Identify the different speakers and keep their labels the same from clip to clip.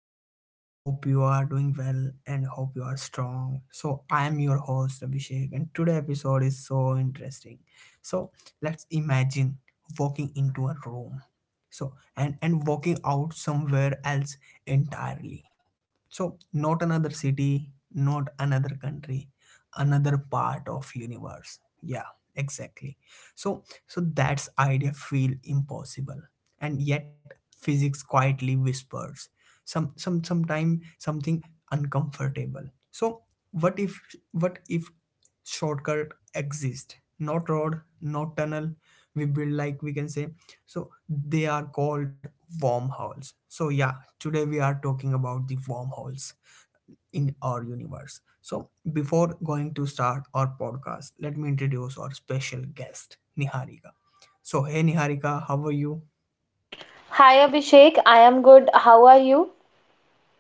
Speaker 1: and hope you are doing well and hope you are strong. So I am your host Abhishek, and today episode is so interesting. So let's imagine walking into a room. And walking out somewhere else entirely. So not another city, not another country, another part of universe. Yeah, exactly. So that's idea feel impossible, and yet physics quietly whispers some sometime something uncomfortable. So what if, what if shortcut exist, not road, not tunnel we build, like we can say. So they are called wormholes. So yeah, today we are talking about the wormholes in our universe. So before going to start our podcast, let me introduce our special guest Niharika. So hey Niharika, how are you?
Speaker 2: Hi Abhishek, I am good. How are you?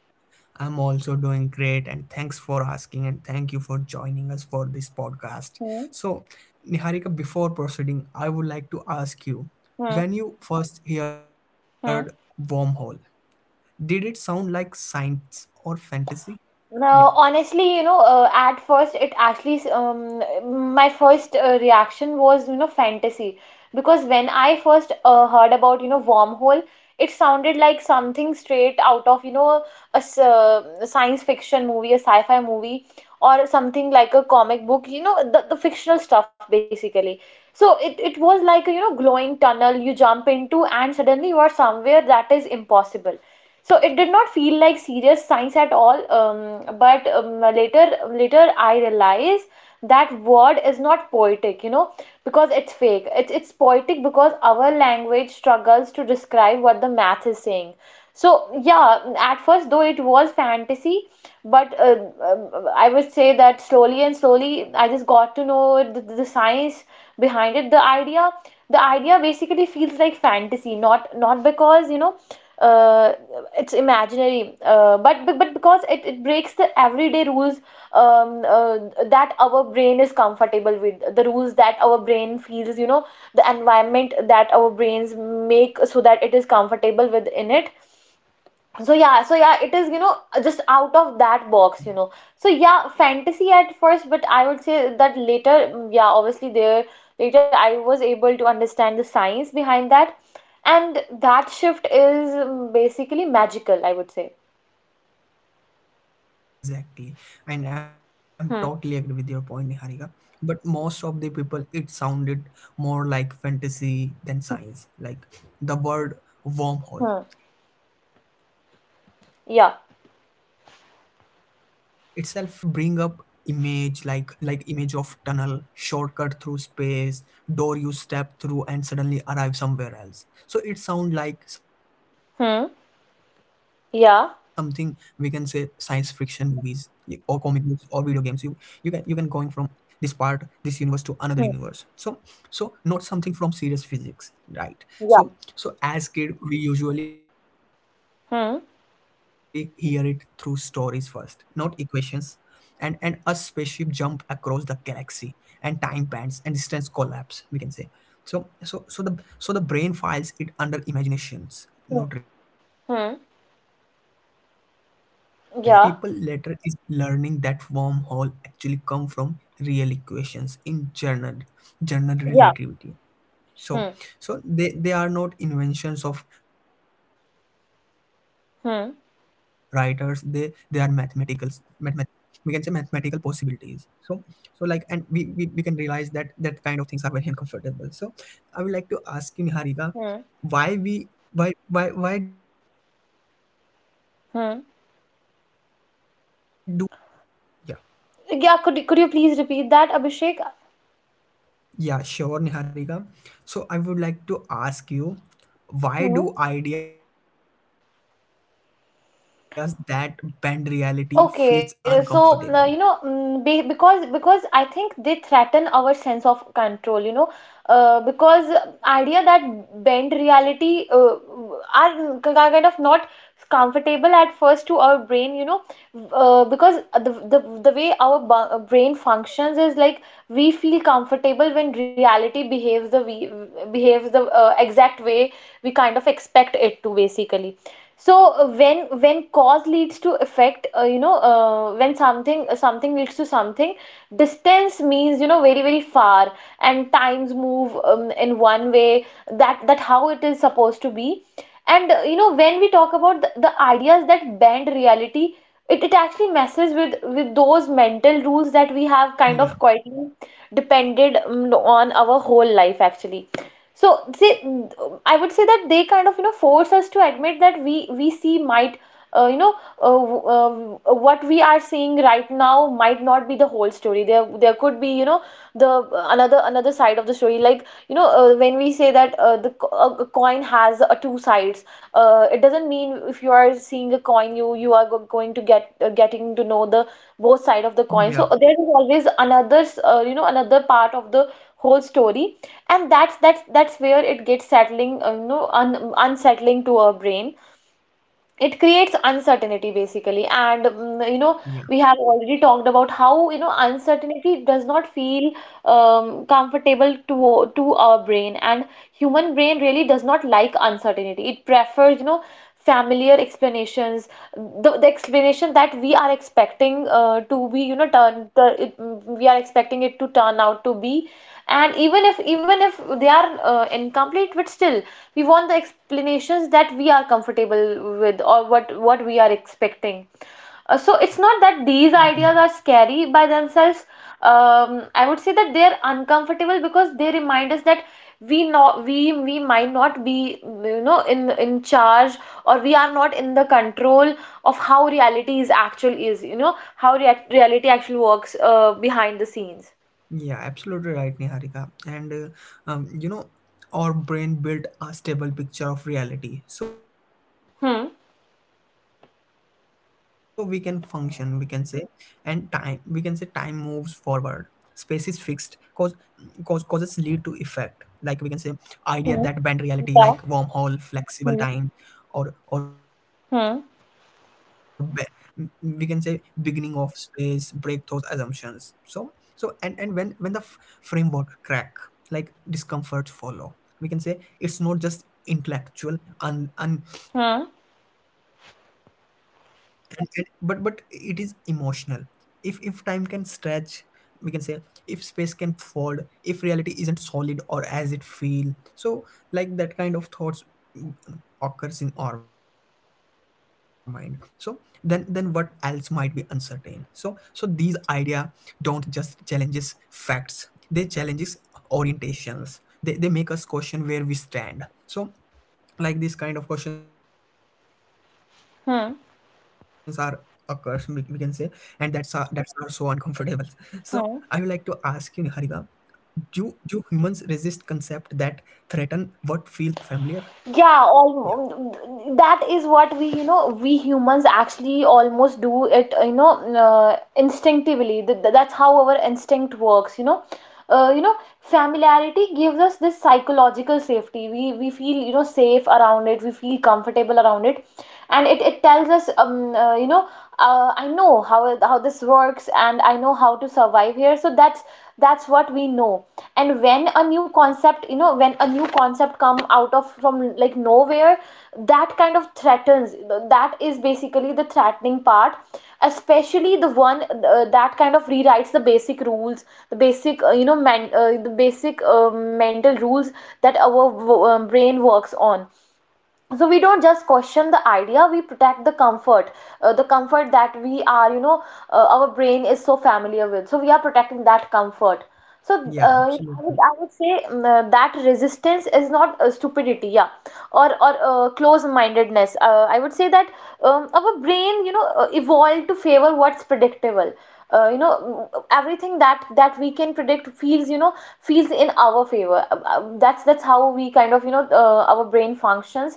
Speaker 1: I'm also doing great, and thanks for asking, and thank you for joining us for this podcast.
Speaker 2: Hmm.
Speaker 1: So, Niharika, before proceeding, I would like to ask you,
Speaker 2: Hmm.
Speaker 1: when you first heard
Speaker 2: Hmm.
Speaker 1: wormhole, did it sound like science or fantasy? Yeah,
Speaker 2: No, honestly, you know, at first my first reaction was, you know, fantasy. Because when I first heard about, you know, wormhole, it sounded like something straight out of, you know, a science fiction movie, a sci-fi movie, or something like a comic book, you know, the fictional stuff basically. So it was like a, you know, glowing tunnel you jump into, and suddenly you are somewhere that is impossible. So it did not feel like serious science at all, but later I realized that word is not poetic, you know, because it's fake, it's poetic because our language struggles to describe what the math is saying. So yeah, at first though it was fantasy, but I would say that slowly and slowly I just got to know the science behind it, the idea. The idea basically feels like fantasy, not because, you know, uh, it's imaginary, but
Speaker 1: yeah,
Speaker 2: because it breaks the
Speaker 1: yeah.
Speaker 2: everyday rules. um, uh, that our brain is comfortable with, the rules that our brain feels, you know, the environment that our brains make so that it is comfortable with in it. So yeah, so yeah, it is, you know, just out of that box, you know.
Speaker 1: Hmm.
Speaker 2: So yeah, fantasy at first, but I would say that later, yeah, obviously there, later I was able to understand the science behind that, and that shift is, basically, magical, I would say.
Speaker 1: Yeah, exactly. And I'm
Speaker 2: Hmm.
Speaker 1: totally agree with your point, Niharika. But most of the people, it sounded more like fantasy than science. Like the word
Speaker 2: Hmm.
Speaker 1: wormhole itself feel playful,
Speaker 2: Yeah.
Speaker 1: almost mythical. So it bring up image, like image of tunnel, shortcut through space, door you step through and suddenly arrive somewhere else. So it sound
Speaker 2: Hmm.
Speaker 1: like something, we can say,
Speaker 2: Yeah.
Speaker 1: science fiction movies, or comic books or video games. You can, you can going from this part, this universe, to
Speaker 2: Hmm.
Speaker 1: another universe. So not something from serious
Speaker 2: Yeah.
Speaker 1: physics, right? So as kid, we usually
Speaker 2: Hmm.
Speaker 1: hear it through stories first, not equations. And a spaceship jump across the galaxy, and time bends and distance collapse, we can say. So so so the so the brain files it under imaginations,
Speaker 2: Hmm.
Speaker 1: not reality.
Speaker 2: Hmm.
Speaker 1: So you know, you know, surprising part is what. So
Speaker 2: Yeah.
Speaker 1: people later is learning that wormhole actually come from real equations in general, general
Speaker 2: Yeah.
Speaker 1: relativity. So
Speaker 2: Hmm.
Speaker 1: they are not inventions of writers. They are mathematical,
Speaker 2: Hmm.
Speaker 1: mathemat- we can say mathematical possibilities. So so like, and we can realize that that kind of things are very uncomfortable. So I would like to ask you, Niharika, why
Speaker 2: Hmm.
Speaker 1: we, why why do ideas that bend reality feel
Speaker 2: Hmm.
Speaker 1: uncomfortable?
Speaker 2: Yeah, could you please repeat that, Abhishek?
Speaker 1: Yeah, sure, Niharika. So I would like to ask you, why
Speaker 2: Hmm.
Speaker 1: do ideas that bend reality feels uncomfortable?
Speaker 2: Okay, so you know, mm, be, because I think they threaten our sense of control. You know, because idea that bend reality are kind of not comfortable at first to our brain. You know, because the way our brain functions is like we feel comfortable when reality behaves the we behaves the exact way we kind of expect it to, basically. So when cause leads to effect, you know, when something, something leads to something. Distance means, you know, very very far, and times move, in one way that that how it is supposed to be. And you know, when we talk about the ideas that bend reality, it actually messes with those mental rules that we have kind of
Speaker 1: Yeah,
Speaker 2: quietly depended, on, our whole life actually. So say, I would say that they kind of, you know, force us to admit that we see might, you know, what we are seeing right now might not be the whole story. There could be, you know, the another side of the story, like, you know, when we say that, a coin has two sides, it doesn't mean if you are seeing a coin you you are going to get, getting to know the both side of the coin. So
Speaker 1: yeah,
Speaker 2: there is always another, you know, another part of the whole story, and that's where it gets settling, you know, unsettling to our brain. It creates uncertainty basically, and, you know,
Speaker 1: yeah,
Speaker 2: we have already talked about how, you know, uncertainty does not feel comfortable to our brain, and human brain really does not like uncertainty. It prefers, you know, familiar explanations, the explanation that we are expecting to be, you know, we are expecting it to turn out to be. And even if, even if they are incomplete, but still we want the explanations that we are comfortable with, or what we are expecting. So it's not
Speaker 1: yeah.
Speaker 2: that these ideas are scary by themselves. I would say that they're uncomfortable because they remind us that we might not be, you know, in charge, or we are not in the control of how reality is actual is you know, how reality actually works, behind the scenes.
Speaker 1: Yeah, absolutely right, Niharika. And you know, our brain built a stable picture of reality, so we can function, we
Speaker 2: Hmm.
Speaker 1: can say, and time. We can say time moves forward. Space is fixed. Cause, causes lead to effect. Like we can say, idea that bend reality, like wormhole,
Speaker 2: Hmm.
Speaker 1: flexible
Speaker 2: Yeah.
Speaker 1: time, or
Speaker 2: Hmm.
Speaker 1: or be, we can say, beginning
Speaker 2: Hmm.
Speaker 1: of space, break those assumptions. So so and when the framework crack, like discomfort follow, we can say. It's not just intellectual, and we can say unease,
Speaker 2: Hmm.
Speaker 1: and, but it is emotional. If time can stretch, we can say, if space can fold, if reality isn't solid or as it feel, so like that kind of thoughts mm, occurs in our mind. So then what else might be uncertain? So so these idea don't just challenges facts, they challenges orientations. They make us question where we stand. So like these kind of questions are occurs, we can say, and that's are,
Speaker 2: Hmm.
Speaker 1: that's are so uncomfortable. So I would like to ask you, Niharika,
Speaker 2: Hmm.
Speaker 1: do do humans resist concept that threaten what feels familiar? Yeah.
Speaker 2: Yeah, almost. That is what we, you know, we humans actually almost do it, you know, instinctively. That's how our instinct works, you know. You know, familiarity gives us this psychological safety. We feel, you know, safe around it. We feel comfortable around it. And it tells us, you know, I know how this works, and I know how to survive here. So that's what we know. And when a new concept, you know, when a new concept come out of from like nowhere, that kind of threatens, that is basically the threatening part, especially the one that kind of rewrites the basic rules, the basic, you know, man the basic mental rules that our brain works on. So we don't just question the idea, we protect the comfort, the comfort that we are, you know, our brain is so familiar with. So we are protecting that comfort. So,
Speaker 1: yeah absolutely
Speaker 2: I would say, that resistance is not stupidity, yeah, or close-mindedness. I would say that, our brain, you know, evolved to favor what's predictable. You know, everything that that we can predict feels, you know, feels in our favor. That's how we kind of, you know, our brain functions.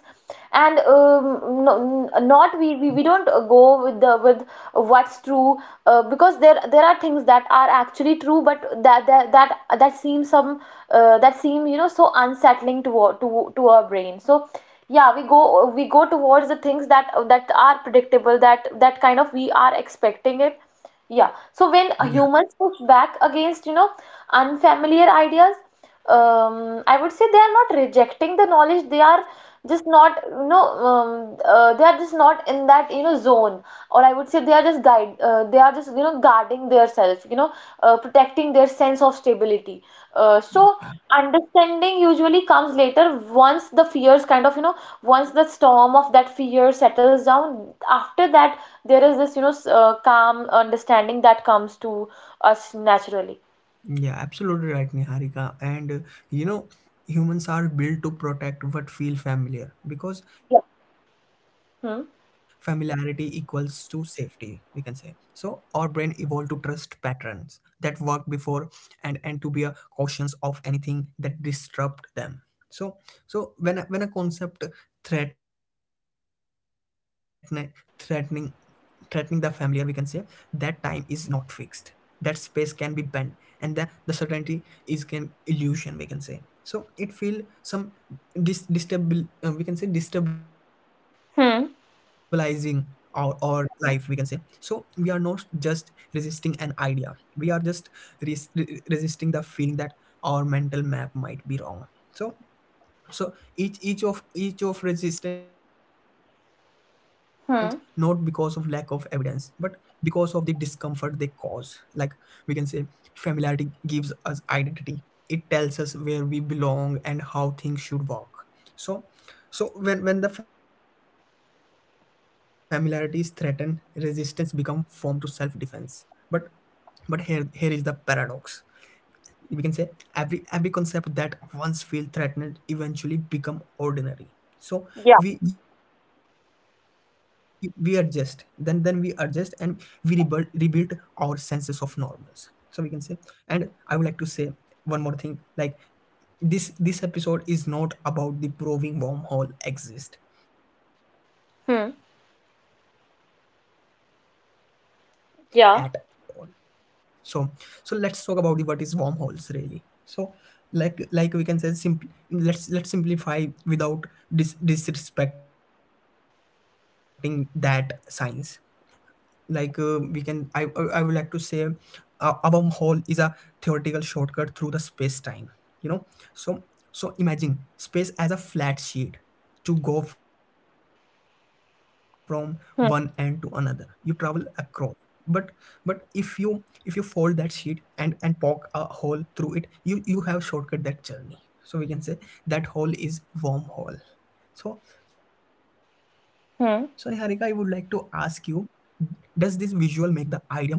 Speaker 2: And, not we, we don't go with the, with what's true, because there are things that are actually true, but that that that seem some, that seem, you know, so unsettling to our, to our brain. So yeah, we go, we go towards the things that that are predictable, that that kind of we are expecting it. Yeah. So when
Speaker 1: yeah
Speaker 2: humans push back against, you know, unfamiliar ideas, I would say they are not rejecting the knowledge. They are just not, you know, they are just not in that, you know, zone. Or I would say they are just guide. They are just, you know, guarding their self, you know, protecting their sense of stability. So understanding usually comes later, once the fears kind of, you know, once the storm of that fear settles down. After that, there is this, you know, calm understanding that comes to us naturally.
Speaker 1: Yeah, absolutely right, Niharika. And you know, humans are built to protect what feel familiar because
Speaker 2: Yeah.
Speaker 1: familiarity equals to
Speaker 2: Hmm.
Speaker 1: safety, we can say. So our brain evolved to trust patterns that worked before, and to be a cautious of anything that disrupt them. So so when when a concept threaten, threatening, threatening the familiar, we can say, that time is not fixed, that space can be bent, and the certainty is can illusion, we can say. So it feel some we can say destabilizing our
Speaker 2: Hmm.
Speaker 1: life, we can say. So we are not just resisting an idea, we are just resisting the feeling that our mental map might be wrong. So so each of resistant, not because of lack of evidence, but
Speaker 2: Hmm.
Speaker 1: because of the discomfort they cause. Like we can say, familiarity gives us identity. It tells us where we belong and how things should work. So so when the familiarity is threatened, resistance become form to self defense. but but here, here is the paradox, we can say, every concept that once feel threatened eventually become ordinary. So
Speaker 2: Yeah.
Speaker 1: we adjust, then we adjust and we rebuild our senses of normals, so we can say. And I would like to say one more thing, like this episode is not about the proving wormhole exist. This is about
Speaker 2: Hmm.
Speaker 1: understanding why the universe allow the idea at all.
Speaker 2: Yeah.
Speaker 1: So so let's talk about the what is wormholes really. So like we can say, simply let's simplify without disrespecting that science. Like we can, I would like to say a wormhole is a theoretical shortcut through the space time, you know. So so imagine space as a flat sheet. To go from one end to another, you travel
Speaker 2: Hmm.
Speaker 1: across. but but if you, if you fold that sheet and poke a hole through it, you have shortcut that journey, so we can say. That hole is wormhole. So so Niharika, I would like to ask
Speaker 2: Hmm.
Speaker 1: you, does this visual make the idea more believable?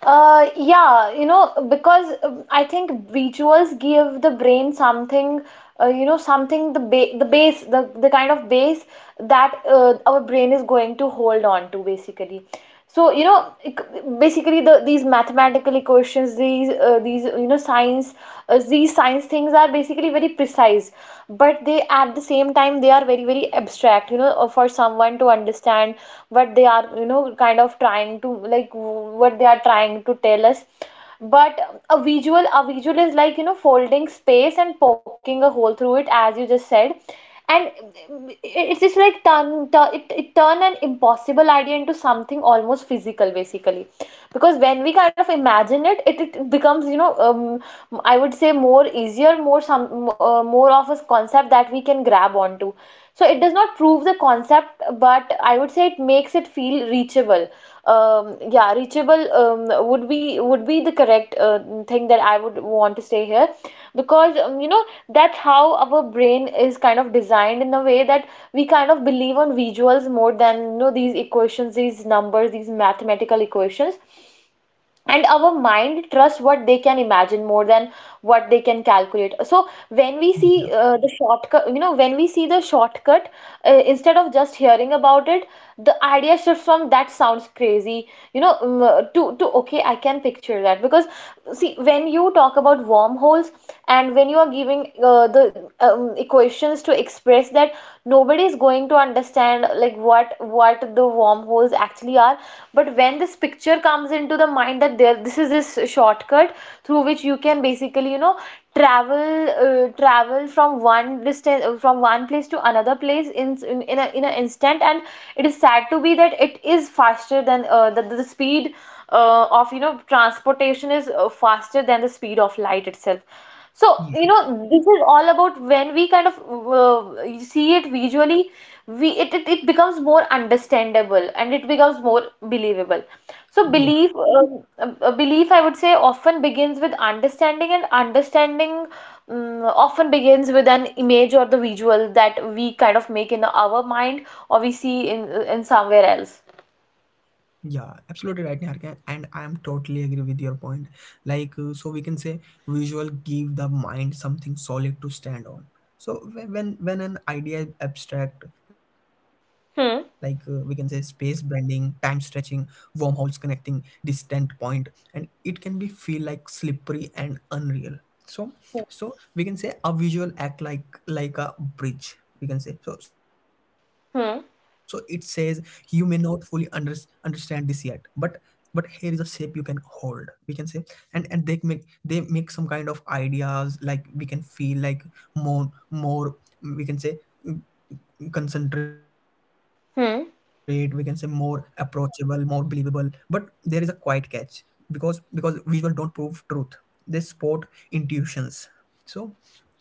Speaker 2: Yeah, you know, because, I think visuals give the brain something, you know, something the the base, the kind of base that our brain is going to hold on to basically. So, you know, basically the, these mathematical equations, these you know, science, these science things are basically very precise, but they, at the same time, they are very very abstract. You know, for someone to understand what they are, you know, kind of trying to, like, what they are trying to tell us. But a visual, a visual is like, you know, folding space and poking a hole through it, as you just said. And it, it's just like, it turn an impossible idea into something almost physical basically. Because when we kind of imagine it, it becomes, you know, I would say more easier here, more some, more of a concept that we can grab onto. So it does not prove the concept, but I would say it makes it feel reachable. Yeah, reachable, would be, would be the correct thing that I would want to say here. Because, you know, that's how our brain is kind of designed in a way that we kind of believe on visuals more than, you know, these equations, these numbers, these mathematical equations. And our mind trusts what they can imagine more than what they can calculate. So when we
Speaker 1: Yeah,
Speaker 2: see the shortcut, you know, when we see the shortcut, instead of just hearing about it, the idea shifts from that sounds crazy, you know, to okay, I can picture that. Because see, when you talk about wormholes, and when you are giving the, equations to express that, nobody is going to understand like what the wormholes actually are. But when this picture comes into the mind that there this is this shortcut, through which you can basically, you know, travel, travel from one distance, from one place to another place, in an instant, and it is sad to be that it is faster than The speed of transportation is faster than the speed of light itself. So,
Speaker 1: yeah,
Speaker 2: you know, this is all about when we kind of see it visually, it becomes more understandable and it becomes more believable. So
Speaker 1: yeah.
Speaker 2: belief belief I would say often begins with understanding, and understanding often begins with an image or the visual that we kind of make in our mind or we see in somewhere else.
Speaker 1: Yeah, absolutely right, Niharika, and I am totally agree with your point. Like, so we can say visual give the mind something solid to stand on. So when an idea is abstract, like we can say space
Speaker 2: Hmm.
Speaker 1: bending, time stretching, wormholes connecting distant point, and it can be feel like slippery and unreal. So so we can say a visual act like a bridge, we can say. So so it says you may
Speaker 2: Hmm.
Speaker 1: not fully understand this yet, but here is a shape you can hold, we can say. And they make, they make some kind of ideas, like we can feel like more we can say, concentrate, we can say, more
Speaker 2: Hmm.
Speaker 1: approachable, more believable. But there is a quiet catch, because visual don't prove truth, they support intuitions. So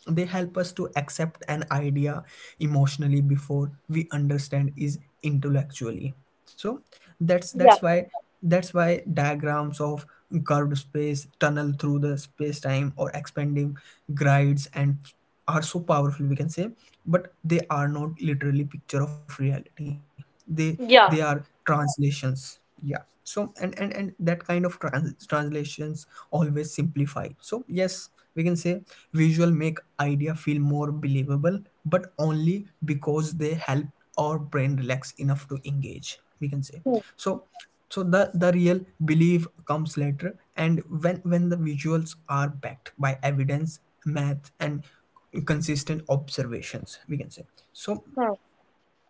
Speaker 1: they help us to accept an idea emotionally before we understand is intellectually. So that's that's
Speaker 2: Yeah.
Speaker 1: why that's why diagrams of curved space, tunnel through the space time, or expanding grids and are so powerful, we can say. But they are not literally picture of reality, they they are
Speaker 2: Yeah.
Speaker 1: translations. Yeah. So and and that kind of translations always simplify, so yes we can say. Visual make idea feel more believable, but only because they help our brain relax enough to engage, we can say.
Speaker 2: Hmm.
Speaker 1: So. So the real belief comes later, and when the visuals are backed by evidence, math, and consistent observations, we can
Speaker 2: Hmm.
Speaker 1: say. So.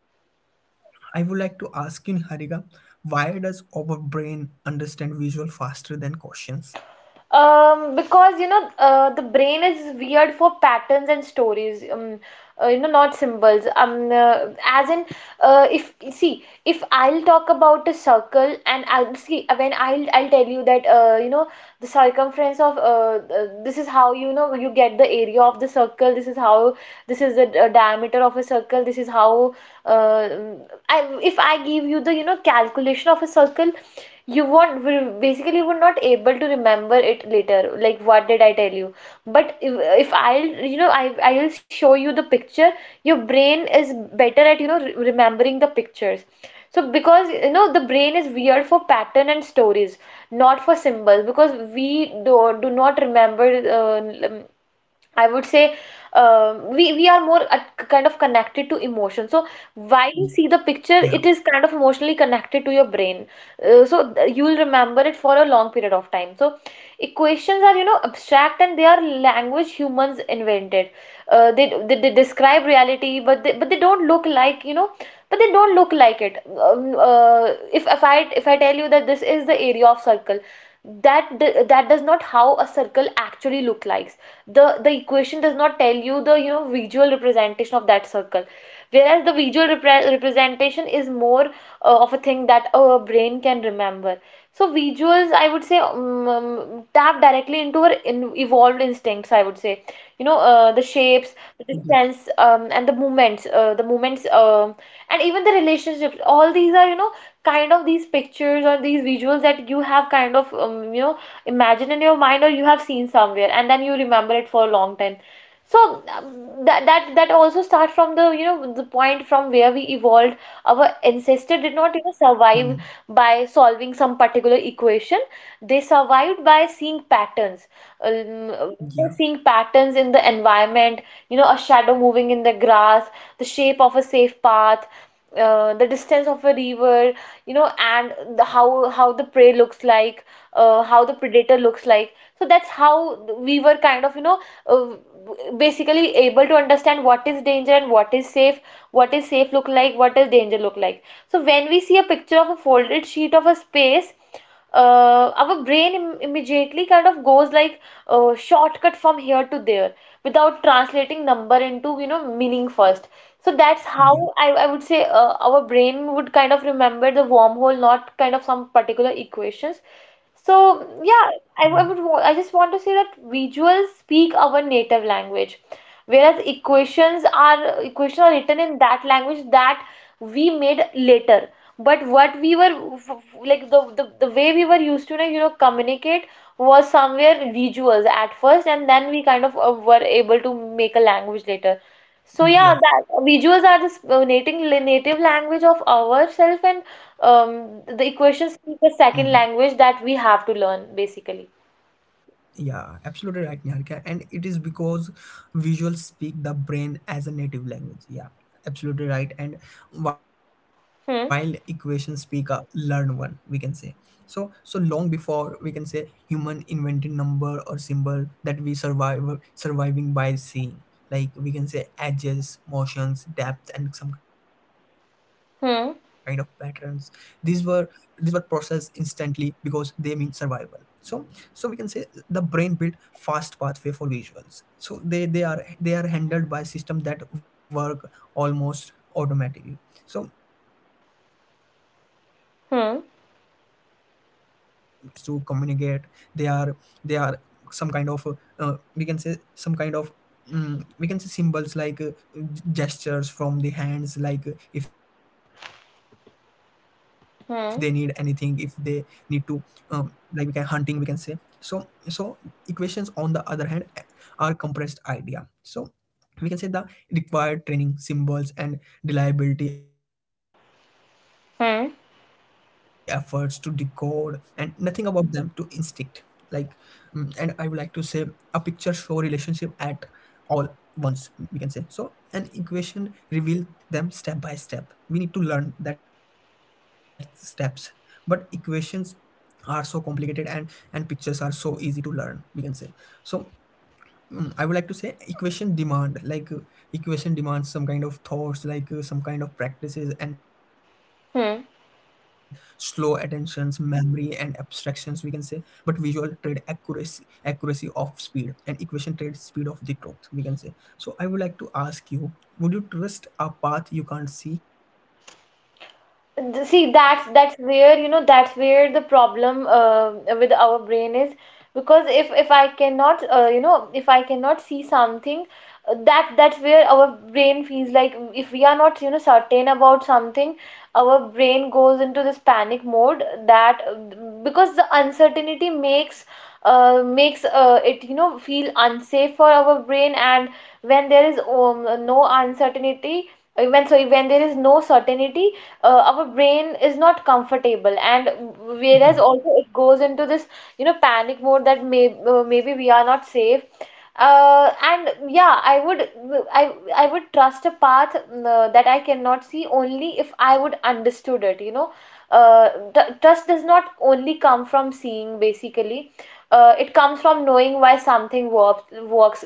Speaker 1: I would like to ask you, Harika, why does our brain understand visual faster than questions?
Speaker 2: Because you know, the brain is weird for patterns and stories. You know, not symbols. As in, if see, if I'll talk about a circle, and I'll see when I'll tell you that you know, the circumference of this is how you know you get the area of the circle, this is how, this is the diameter of a circle, this is how uh, I, if I give you the, you know, calculation of a circle, you won't will basically would not able to remember it later, like what did I tell you. But if I'll, you know, I'll show you the picture, your brain is better at, you know, remembering the pictures. So because you know the brain is weird for pattern and stories, not for symbols. Because we do not remember. I would say we are more at, kind of connected to emotion. So while you see the picture,
Speaker 1: Yeah,
Speaker 2: it is kind of emotionally connected to your brain. So you will remember it for a long period of time. So equations are, you know, abstract, and they are language humans invented. They describe reality, but they don't look like, you know, but they don't look like it. um, uh, if I tell you that this is the area of circle, that does not how a circle actually look like. The equation does not tell you the, you know, visual representation of that circle, whereas the visual representation is more of a thing that our brain can remember. So visuals I would say tap directly into our evolved instincts, I would say. You know, the shapes, the
Speaker 1: yeah,
Speaker 2: distance, and the movements, the movements, and even the relationships, all these are, you know, kind of these pictures or these visuals that you have kind of, you know, imagine in your mind or you have seen somewhere, and then you remember it for a long time. So that also starts from the, you know, the point from where we evolved. Our ancestor did not, you
Speaker 1: Hmm.
Speaker 2: know, survive by solving some particular equation. They survived by seeing patterns. um, uh,
Speaker 1: yeah,
Speaker 2: Seeing patterns in the environment, you know, a shadow moving in the grass, the shape of a safe path, the distance of a river, you know, and the, how the prey looks like, how the predator looks like. So that's how we were kind of, you know, uh, basically able to understand what is danger and what is safe look like, what does danger look like. So when we see a picture of a folded sheet of a space, our brain immediately kind of goes like, shortcut from here to there, without translating number into, you know, meaning first. So that's how I,
Speaker 1: yeah,
Speaker 2: I would say our brain would kind of remember the wormhole, not kind of some particular equations. So yeah.
Speaker 1: yeah,
Speaker 2: I I just want to say that visuals speak our native language, whereas equations are written in that language that we made later. But what we were, like the way we were used to, you know, communicate was somewhere visuals at first, and then we kind of were able to make a language later. So yeah, that
Speaker 1: yeah.
Speaker 2: visuals are this native native language of ourself, and um, the equations
Speaker 1: Hmm.
Speaker 2: speak a second language that we have to learn basically.
Speaker 1: Yeah, absolutely right, Niharika. And it is because visuals speak the brain as a native language. Yeah, absolutely right. And while
Speaker 2: Hmm.
Speaker 1: equations speak a learned one, we can say. So so long before, we can say, human invented number or symbol, that we survive, surviving by seeing. Like we can say, edges, motions, depth, and some kind of patterns.
Speaker 2: Hmm.
Speaker 1: These were these were processed instantly because they mean survival. So we can say the brain built fast pathway for visuals so they are they are handled by system that work almost automatically. So as we know, our ancestors all
Speaker 2: Hmm.
Speaker 1: also using the symbols to communicate. They are they are some kind of uh, we can say some kind of mm, We can say symbols like gestures from the hands, like if they need anything, if they need to
Speaker 2: Hmm.
Speaker 1: um, like we can hunting, we can say. So equations, on the other hand, are compressed idea. So we can say the required training symbols and reliability efforts to decode, and
Speaker 2: Hmm.
Speaker 1: nothing about them to instinct. Like, and I would like to say a picture show relationship at all once, we can say. So an equation reveal them step by step. We need to learn that steps, but equations are so complicated, and pictures are so easy to learn, we can say. So I would like to say equation demand, like equation demands some kind of thoughts, like some kind of practices and slow
Speaker 2: Hmm.
Speaker 1: attentions, memory, and abstractions, we can say. But visual trade accuracy, of speed, and equation trade speed of the truth, we can say. So I would like to ask you, would you trust a path you can't see?
Speaker 2: See, that's where, you know, that's where the problem with our brain is. Because if I cannot you know, if I cannot see something, that that's where our brain feels like, if we are not, you know, certain about something, our brain goes into this panic mode. That Because the uncertainty makes it, you know, feel unsafe for our brain. And when there is no uncertainty, when, sorry, when there is no certainty, our brain is not comfortable, and whereas
Speaker 1: yeah
Speaker 2: also it goes into this, you know, panic mode that may maybe we are not safe. And yeah, I would trust a path that I cannot see only if I would understood it, you know. Trust does not only come from seeing basically. It comes from knowing why something works.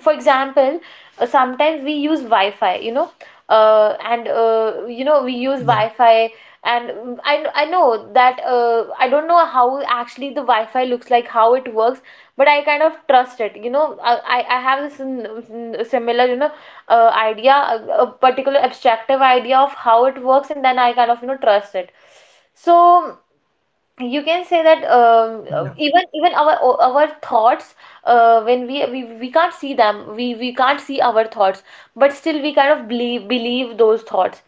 Speaker 2: For example, sometimes we use Wi-Fi, you know, and
Speaker 1: yeah
Speaker 2: you know, we use Wi-Fi. And I know that I don't know how actually the Wi-Fi looks like, how it works, but I kind of trust it. You know, I have this similar, you know, idea, a particular abstractive idea of how it works, and then I kind of, you know, trust it. So you can say that
Speaker 1: yeah
Speaker 2: even our our thoughts, when we, we can't see them, we can't see our thoughts, but still we kind of believe those thoughts.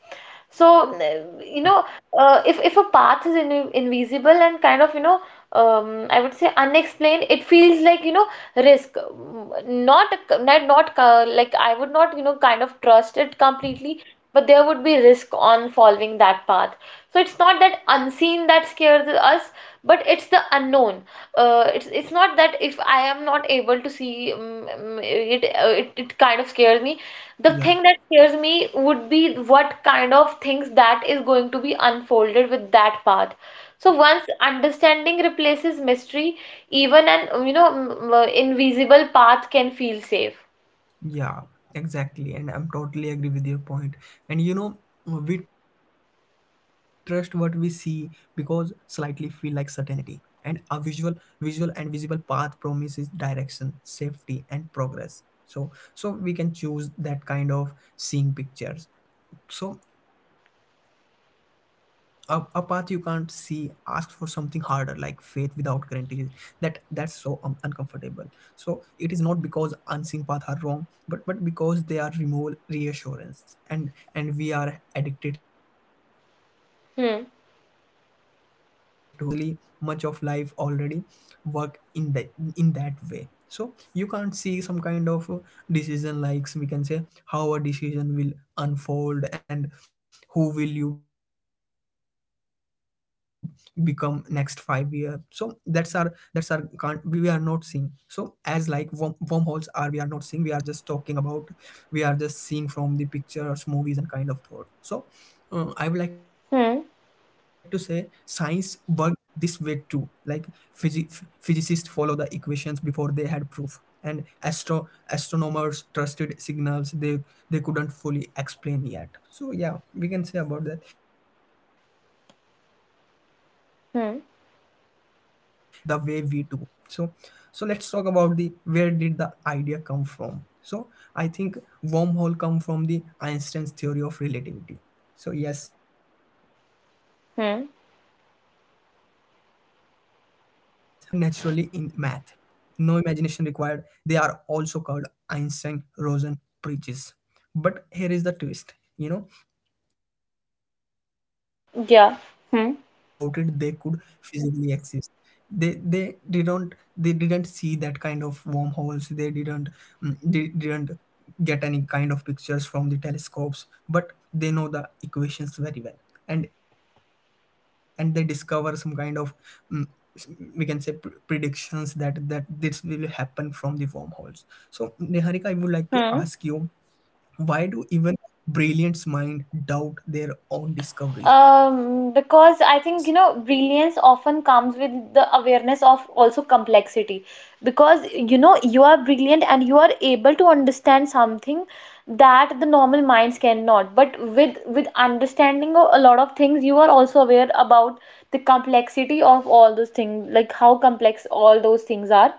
Speaker 2: So you know,
Speaker 1: yeah
Speaker 2: if a path is invisible and kind of, you know, I would say unexplained, it feels like, you know, risk. Not like I would not, you know, kind of trust it completely, but there would be risk on following that path. So it's not that unseen that scares us, but it's the unknown. It's not that if I am not able to see, it it kind of scares me. The
Speaker 1: yeah
Speaker 2: thing that scares me would be what kind of things that is going to be unfolded with that path. So once understanding replaces mystery, even an you know, invisible path can feel safe.
Speaker 1: Yeah, exactly. And I'm totally agree with your point. And you know, we trust what we see because slightly feel like certainty. And a visual, visual and visible path promises direction, safety, and progress. So, we can choose that kind of seeing pictures. So a, path you can't see ask for something harder, like faith without guarantees. That's so uncomfortable. So it is not because unseen paths are wrong, but because they are remove reassurance, and we are addicted to reassurance, so yet.
Speaker 2: Hmm.
Speaker 1: So, yet when you look closely, much of life already work in the in that way. So you can't see some kind of decision likes, we can say, how a decision will unfold and who will you become next 5 year. So that's our can't we are not seeing. So as like worm, wormholes are, we are not seeing. We are just talking about, we are just seeing from the pictures, movies, and kind of thought. So I would like to
Speaker 2: Hmm.
Speaker 1: say science work this way too. Like physicists follow the equations before they had proof, and astronomers trusted signals they couldn't fully explain yet. So yeah, we can say about that. And the universe might be
Speaker 2: Hmm.
Speaker 1: not care about the distance the way we do. So, let's talk about the, where did the idea come from. So I think wormhole come from the Einstein's theory of relativity. So yes, Einstein
Speaker 2: Hmm.
Speaker 1: again, we can say. So yeah, they appear naturally in math. No imagination required. They are also called Einstein Rosen preaches. But here is the twist, you know, even Einstein
Speaker 2: Yeah.
Speaker 1: doubted
Speaker 2: Hmm.
Speaker 1: they could physically exist. They didn't see that kind of wormholes. They didn't, they didn't get any kind of pictures from the telescopes, but they know the equations very well, and they discover some kind of mm, s- we can say predictions that this will happen from the wormholes. So Neharika, I would like to ask you,
Speaker 2: Hmm.
Speaker 1: why do even brilliant minds doubt their own discoveries?
Speaker 2: Because I think, you know, brilliance often comes with the awareness of also complexity. Because, you know, you are brilliant and you are able to understand something that the normal minds cannot. But with understanding of a lot of things, you are also aware about the complexity of all those things, like how complex all those things are.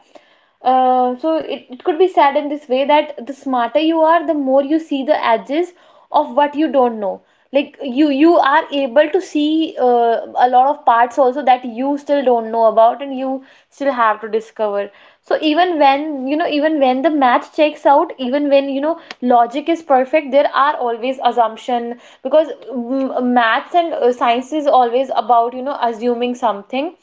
Speaker 2: It could be said in this way that the smarter you are, the more you see the edges of what you don't know. Like you are able to see a lot of parts also that you still don't know about, and you still have to discover. So even when you know, even when the math checks out, even when you know logic is perfect, there are always assumption. Because maths and science is always about, you know, assuming something.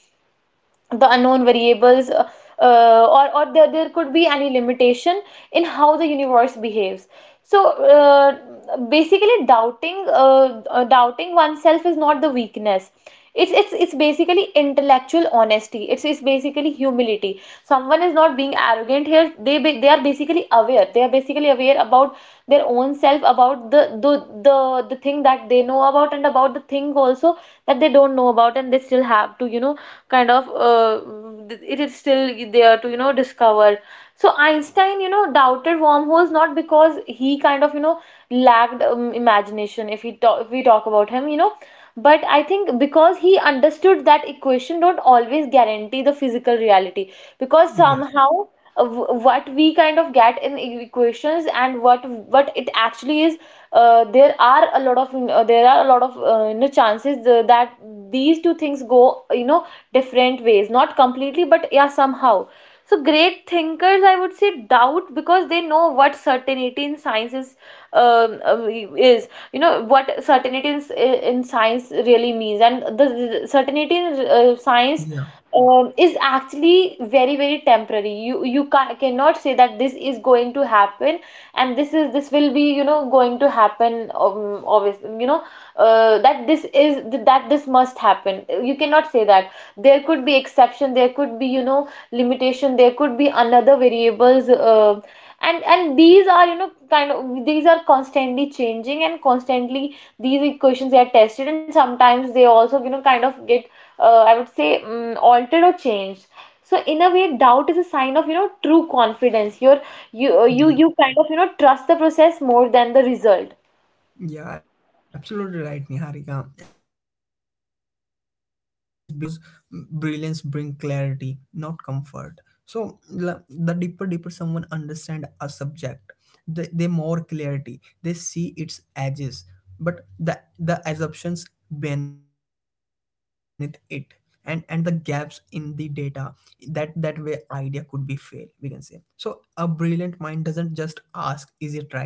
Speaker 2: The unknown variables, or there could be any limitation in how the universe behaves. So basically doubting oneself is not the weakness. It's basically intellectual honesty. It's basically humility. Someone is not being arrogant here. They are basically aware. They are basically aware about their own self, about the, the thing that they know about, and about the thing also that they don't know about and they still have to, you know, kind of it is still there to, you know, discover. So Einstein, you know, doubted wormholes not because he kind of, you know, lacked imagination. If we talk about him, you know. But I think because he understood that equation don't always guarantee the physical reality. Because somehow,
Speaker 1: Yeah,
Speaker 2: what we kind of get in equations and what it actually is, there are a lot of you know, chances that these two things go, you know, different ways, not completely, but yeah, somehow. So great thinkers I would say doubt because they know what certainty in science is. um, um, you know what certainty in science really means. And the certainty in science is
Speaker 1: yeah,
Speaker 2: actually very very temporary. You cannot say that this is going to happen, and this is, this will be, you know, going to Happen. Obviously, that this is that this must happen. You cannot say that. There could be exception, there could be limitation, there could be another variables. And these are, kind of, these are constantly changing, and constantly these equations, they are tested, and sometimes they also, kind of get, I would say altered or changed. So in a way, doubt is a sign of true confidence. You kind of, trust the
Speaker 1: yeah.
Speaker 2: process more than the result.
Speaker 1: Yeah, absolutely right, Niharika. And I think it is because brilliance brings clarity, not comfort. So the deeper, someone understand a subject, the, they more clarity. They see its edges, but the assumptions beneath it, and the gaps in the data. That way, idea could be fail, we can say. So a brilliant mind doesn't just ask, "Is it right?"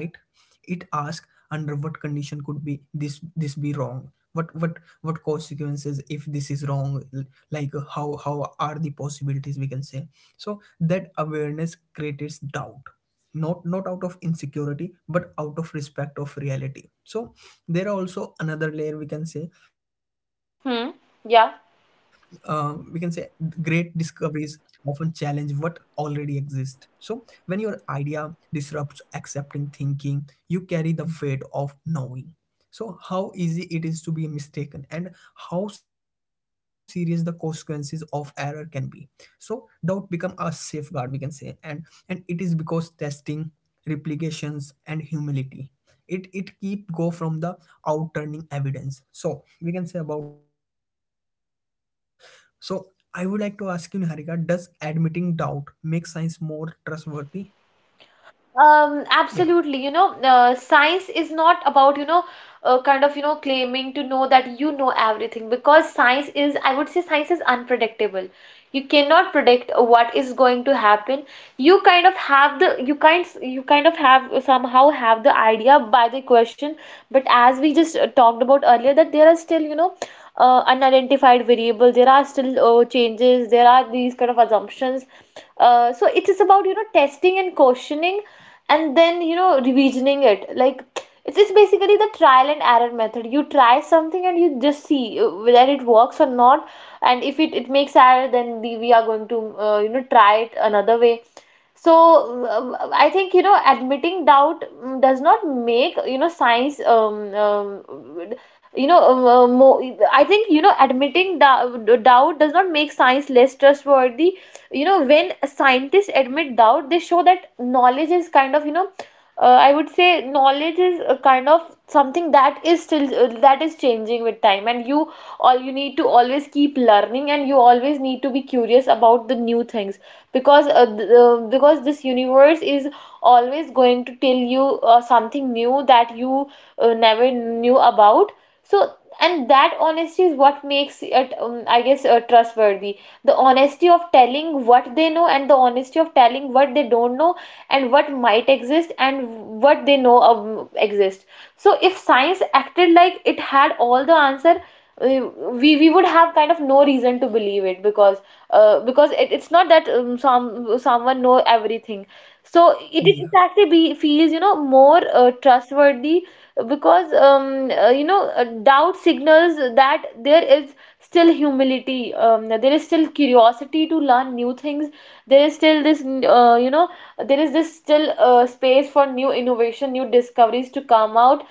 Speaker 1: It asks, under what condition could be this be wrong? What what consequences if this is wrong? Like how are the possibilities, we can say? So that awareness creates doubt, not out of insecurity but out of respect of reality. So there are also another layer, we can say, uh, we can
Speaker 2: Hmm.
Speaker 1: say
Speaker 2: Yeah.
Speaker 1: great discoveries often challenge what already exists. So, when your idea disrupts accepting thinking, you carry the weight of knowing. So, how easy it is to be mistaken, and how serious the consequences of error can be, so doubt become a safeguard, we can say. And it is because testing, replications, and humility, it keep go from the outturning evidence. So we can say about that kind of thoughts. So I would like to ask you, Niharika, does admitting doubt make science more trustworthy?
Speaker 2: Absolutely.
Speaker 1: yeah
Speaker 2: Science is not about, kind of, claiming to know that you know everything, because science is, I would say, science is unpredictable. You cannot predict what is going to happen. You kind of have the, you kind of have somehow have the idea by the question, but as we just talked about earlier, that there are still, unidentified variable. There are still changes. There are these kind of assumptions. So it is about, testing and questioning, and then, revisioning it. Like, it's basically the trial and error method. You try something and you just see whether it works or not. And if it, it makes error, then we are going to try it another way. So I think, admitting doubt, does not make, science, more. I think, admitting doubt
Speaker 1: yeah
Speaker 2: does not make science less trustworthy. You know, when scientists admit doubt, they show that knowledge is kind of, I would say knowledge is a kind of something that is still that is changing with time, and you all you need to always keep learning, and you always need to be curious about the new things, because because this universe is always going to tell you something new that you never knew about. So, and that honesty is what makes it, I guess, trustworthy. The honesty of telling what they know, and the honesty of telling what they don't know, and what might exist, and what they know exist. So if science acted like it had all the answer, uh, we would have kind of no reason to believe it, because it, it's not that, some someone know everything. So it actually be, feels,
Speaker 1: yeah
Speaker 2: more trustworthy. Because, doubt signals that there is still humility, there is still curiosity to learn new things, there is still this, there is this still space for new innovation, new discoveries to come out.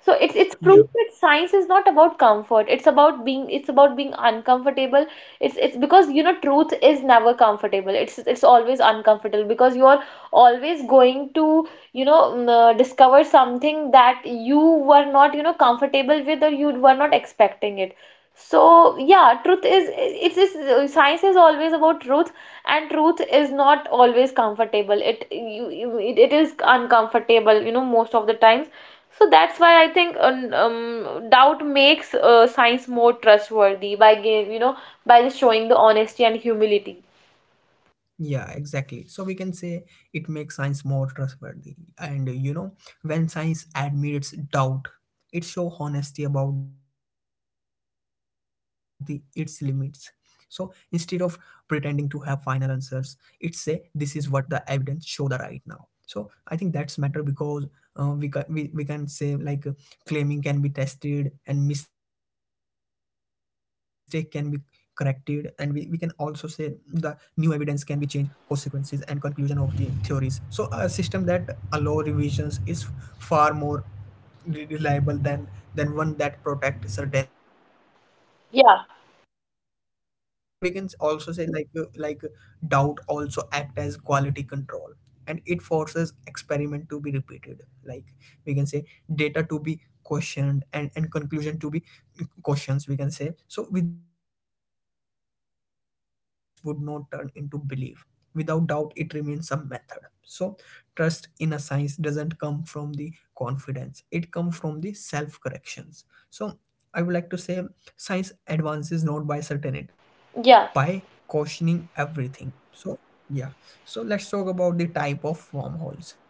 Speaker 2: So it's proof that science is not about
Speaker 1: yeah
Speaker 2: comfort. It's about being, it's about being uncomfortable. It's because, truth is never comfortable. It's always uncomfortable because you're always going to, discover something that you were not, comfortable with, or you were not expecting it. So yeah, truth is, it is, science is always about truth. And truth is not always comfortable. It, you, it is uncomfortable, most of the times. So that's why I think, doubt makes science more trustworthy by giving, by just showing the honesty and humility.
Speaker 1: Yeah, exactly. So we can say it makes science more trustworthy. And you know, when science admits doubt, it shows honesty about the its limits. So instead of pretending to have final answers, it say this is what the evidence show the right now. So I think that's matter because, we can we can say like, claiming can be tested, and mistake can be corrected, and we can also say the new evidence can be changed consequences and conclusion of the theories. So a system that allow revisions is far more reliable than one that protect
Speaker 2: Yeah.
Speaker 1: certainty. So we can also say like, doubt also act as quality control, and it forces experiment to be repeated. Like we can say data to be questioned, and conclusion to be cautions, we can say. So without doubting, science would not turn into belief. Without doubt, it remains a method. So trust in a science doesn't come from the confidence, it comes from the self corrections. So I would like to say science advances not by certainty, but
Speaker 2: Yeah.
Speaker 1: by cautioning everything. So, yeah. So, let's talk about the type of wormholes.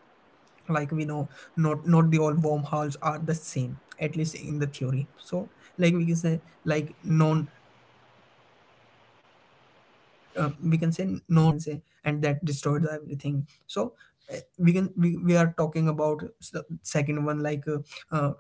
Speaker 1: Like we know, not the all wormholes are the same, at least in the theory. So like we can say like non, we can say non-transversible wormholes that collapse instantly, we can say, and that destroyed everything. So we can, we are talking about the second one, like, uh,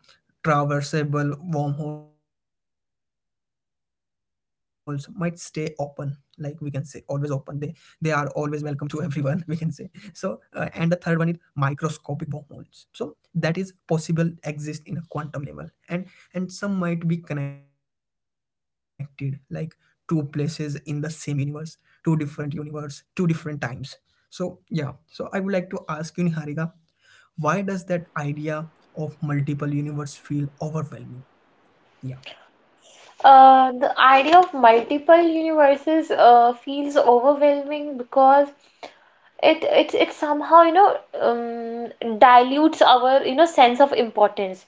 Speaker 1: traversable wormholes might stay open. Like we can say always open, they are always welcome to everyone we can say. So and the third one is microscopic wormholes. So that is possible exist in a quantum level, and some might be connected, like two places in the same universe, two different universe, two different times. So yeah, so I would like to ask you, Niharika, why does that idea of multiple universe feel overwhelming? yeah
Speaker 2: The idea of multiple universes feels overwhelming because it somehow, dilutes our, sense of importance.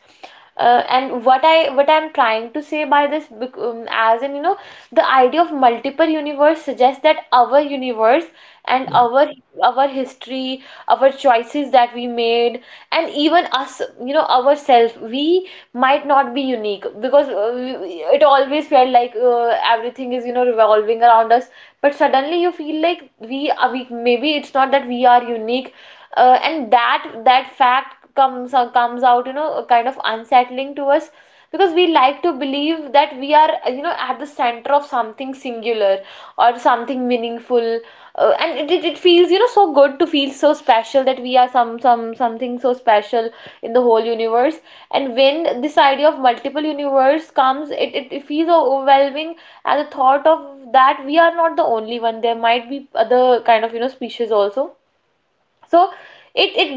Speaker 2: And what I, what I'm trying to say by this, as in, you know, the idea of multiple universe suggests that our universe, and our
Speaker 1: yeah
Speaker 2: our history, our choices that we made, and even us, you know, ourselves, we might not be unique, because it always felt like everything is, you know, revolving around us. But suddenly you feel like we maybe, it's not that we are unique. And that, that fact comes comes out, you know, kind of unsettling to us, because we like to believe that we are, you know, at the center of something singular, or something meaningful. And it feels, you know, so good to feel so special, that we are some, something so special in the whole universe. And when this idea of multiple universe comes, it feels overwhelming at the thought of that we are not the only one. There might be other kind of, you know, species also. So it it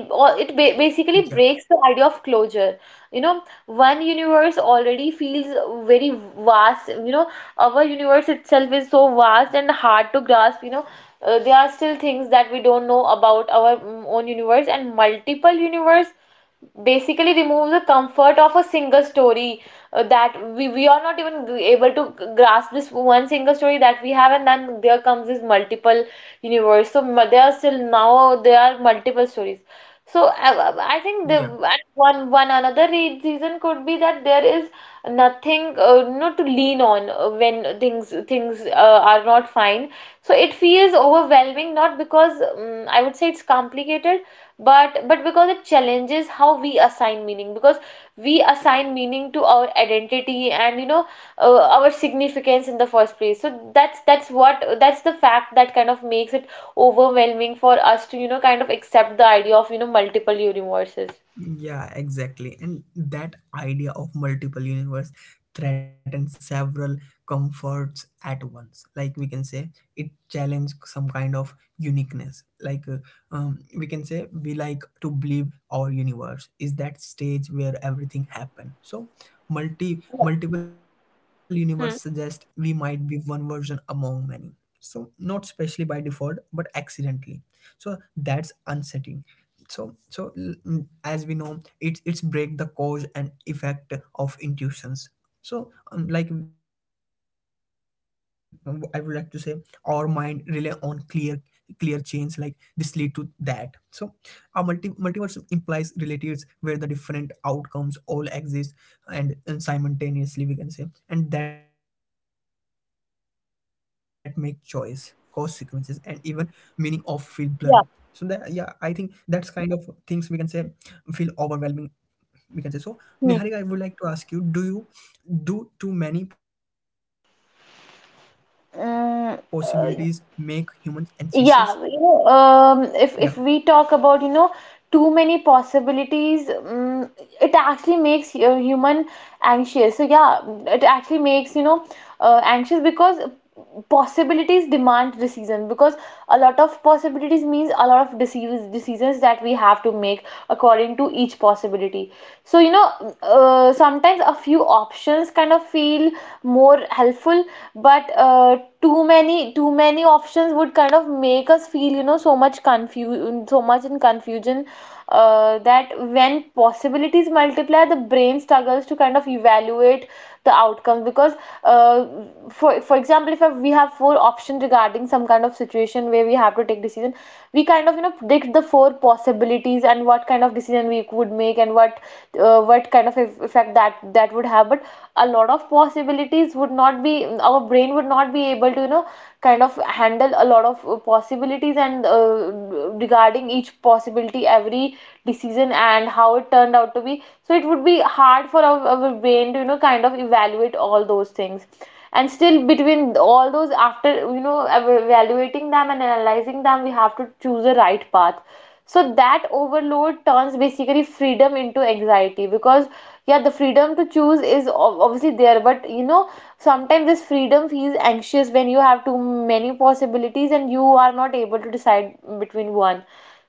Speaker 2: it basically breaks the
Speaker 1: yeah
Speaker 2: idea of closure. You know, one universe already feels very vast. You know, our universe itself is so vast and hard to grasp. You know, there are still things that we don't know about our own universe, and multiple universe basically remove the comfort of a single story. That we are not even able to grasp this one single story that we have, and then there comes this multiple universe. So there are still, now there are multiple stories. So I think the, and
Speaker 1: yeah
Speaker 2: one, one another reason could be that there is nothing to lean on when things, things are not fine. So it feels overwhelming, not because, I would say, it's complicated, but because it challenges how we assign meaning, because we assign meaning to our identity, and, our significance in the first place. So that's what, that's the fact that kind of makes it overwhelming for us to, kind of accept the idea of, multiple universes.
Speaker 1: Yeah, exactly. And that idea of multiple universe threatens several comforts at once. Like we can say, it challenge some kind of uniqueness. Like we can say, we like to believe our universe is that stage where everything happened. So, multi multiple universe suggest
Speaker 2: Hmm.
Speaker 1: we might be one version among many. So, not specially by default, but accidentally. So that's unsettling. So as we know, it's break the cause and effect of intuitions. So I would like to say our mind rely on clear, chains, like this lead to that. So a multiverse implies relatives where the different outcomes all exist, and, simultaneously, we can say, and that make choice, consequences, and even meaning of feel blurry. So that, yeah, I
Speaker 2: Yeah.
Speaker 1: think that's kind of things we can say feel overwhelming, we can say. So
Speaker 2: Hmm.
Speaker 1: Niharika, I would like to ask you, do you, do too many possibilities make humans anxious?
Speaker 2: Mm, uh, Yeah,
Speaker 1: Yeah
Speaker 2: you know, if we talk about, you know, too many possibilities, it actually makes human anxious. So yeah, it actually makes, you know, anxious, because possibilities demand decision, because a lot of possibilities means a lot of decisions, decisions that we have to make according to each possibility. So, you know, sometimes a few options kind of feel more helpful, but too many options would kind of make us feel, you know, so much confusion, so much in confusion. That when possibilities multiply, the brain struggles to kind of evaluate the outcomes, because uh, for example, if we have four options regarding some kind of situation where we have to take decision, we kind of, you know, predict the four possibilities, and what kind of decision we would make, and what, what kind of effect that, that would have. But a lot of possibilities would not be, our brain would not be able to, you know, kind of handle a lot of possibilities. And regarding each possibility, every decision and how it turned out to be, so it would be hard for our brain to, you know, kind of evaluate all those things, and still between all those, after, you know, evaluating them and analyzing them, we have to choose the right path. So that overload turns basically freedom into anxiety, because yeah, the freedom to choose is obviously there, but, you know, sometimes this freedom feels anxious when you have too many possibilities and you are not able to decide between one.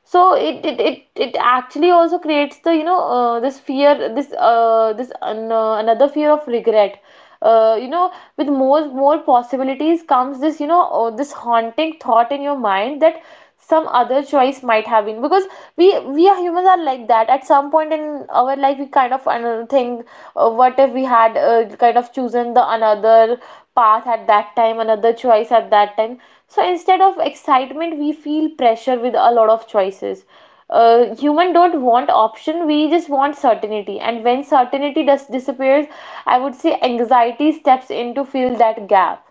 Speaker 2: So it actually also creates the, this fear, this, another fear of regret. uh, you know with more possibilities comes this, this haunting thought in your mind that some other choice might have been, because we are, humans are like that. At some point in our life, we kind of think, what if we had kind of chosen the another path at that time, another choice at that time. So instead of excitement, we feel pressure with a lot of choices. Human don't want option, we just want certainty, and when certainty does disappears, I would say anxiety steps in to fill that gap.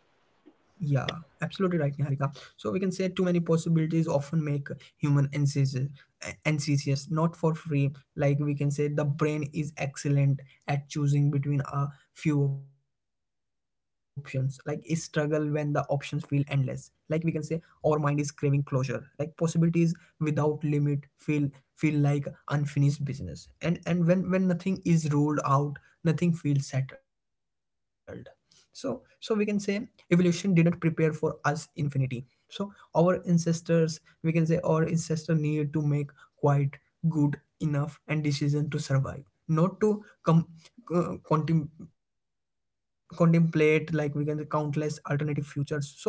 Speaker 1: Yeah, absolutely right, Niharika. So we can say too many possibilities often make human ancestors, not for free. Like we can say the brain is excellent at choosing between a few options, like it struggle when the options feel endless. Like we can say our mind is craving closure, like possibilities without limit feel, like unfinished business. And when nothing is ruled out, nothing feels settled. So, we can say evolution didn't prepare for us infinity. So our ancestors, we can say our ancestor need to make quite good enough and decision to survive, not to uh, contem- contemplate, like we can say, countless alternative futures. So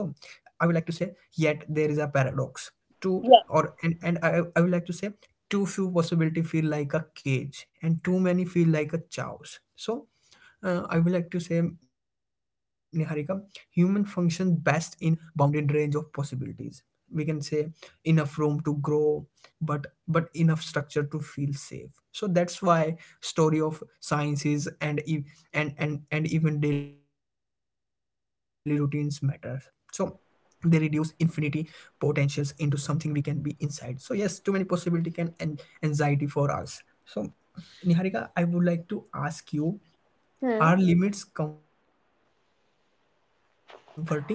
Speaker 1: I would like to say, yet there is a paradox. Too,
Speaker 2: Yeah.
Speaker 1: or, and I, would like to say too few possibility feel like a cage, and too many feel like a chows. So I would like to say, Niharika, human function best in bounded range of possibilities. We can say, enough room to grow, but enough structure to feel safe. So that's why story of sciences and and even daily routines matters. So they reduce infinity potentials into something we can be inside. So yes, too many possibility can and anxiety for us. So Niharika, I would like to ask you,
Speaker 2: Hmm.
Speaker 1: are limits comforting? Yeah,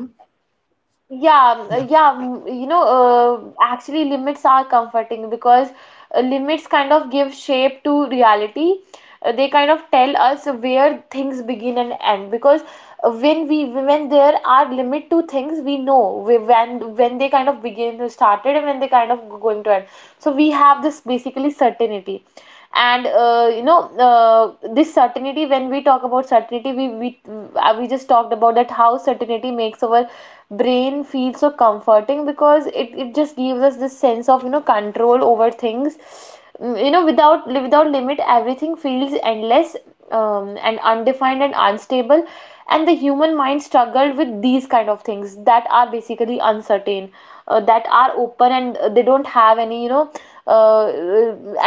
Speaker 2: Yeah, yeah, you know, actually, limits are comforting because limits kind of give shape to reality. They kind of tell us where things begin and end, because when we, when there are limit to things, we know when they kind of begin to started and when they kind of going to end. So we have this basically certainty and this certainty. When we talk about certainty, we just talked about that, how certainty makes our brain feel so comforting because it just gives us this sense of control over things. Without limit, everything feels endless, and undefined and unstable, and the human mind struggled with these kind of things that are basically uncertain, that are open, and they don't have any uh,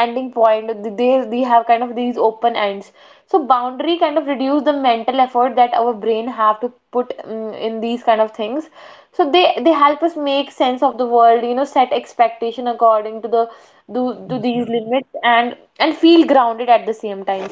Speaker 2: ending point. They have kind of these open ends, so boundary kind of reduce the mental effort that our brain have to put in these kind of things. So they help us make sense of the world, you know, set expectation according to the to
Speaker 1: yeah,
Speaker 2: these limits, and feel grounded at the same time.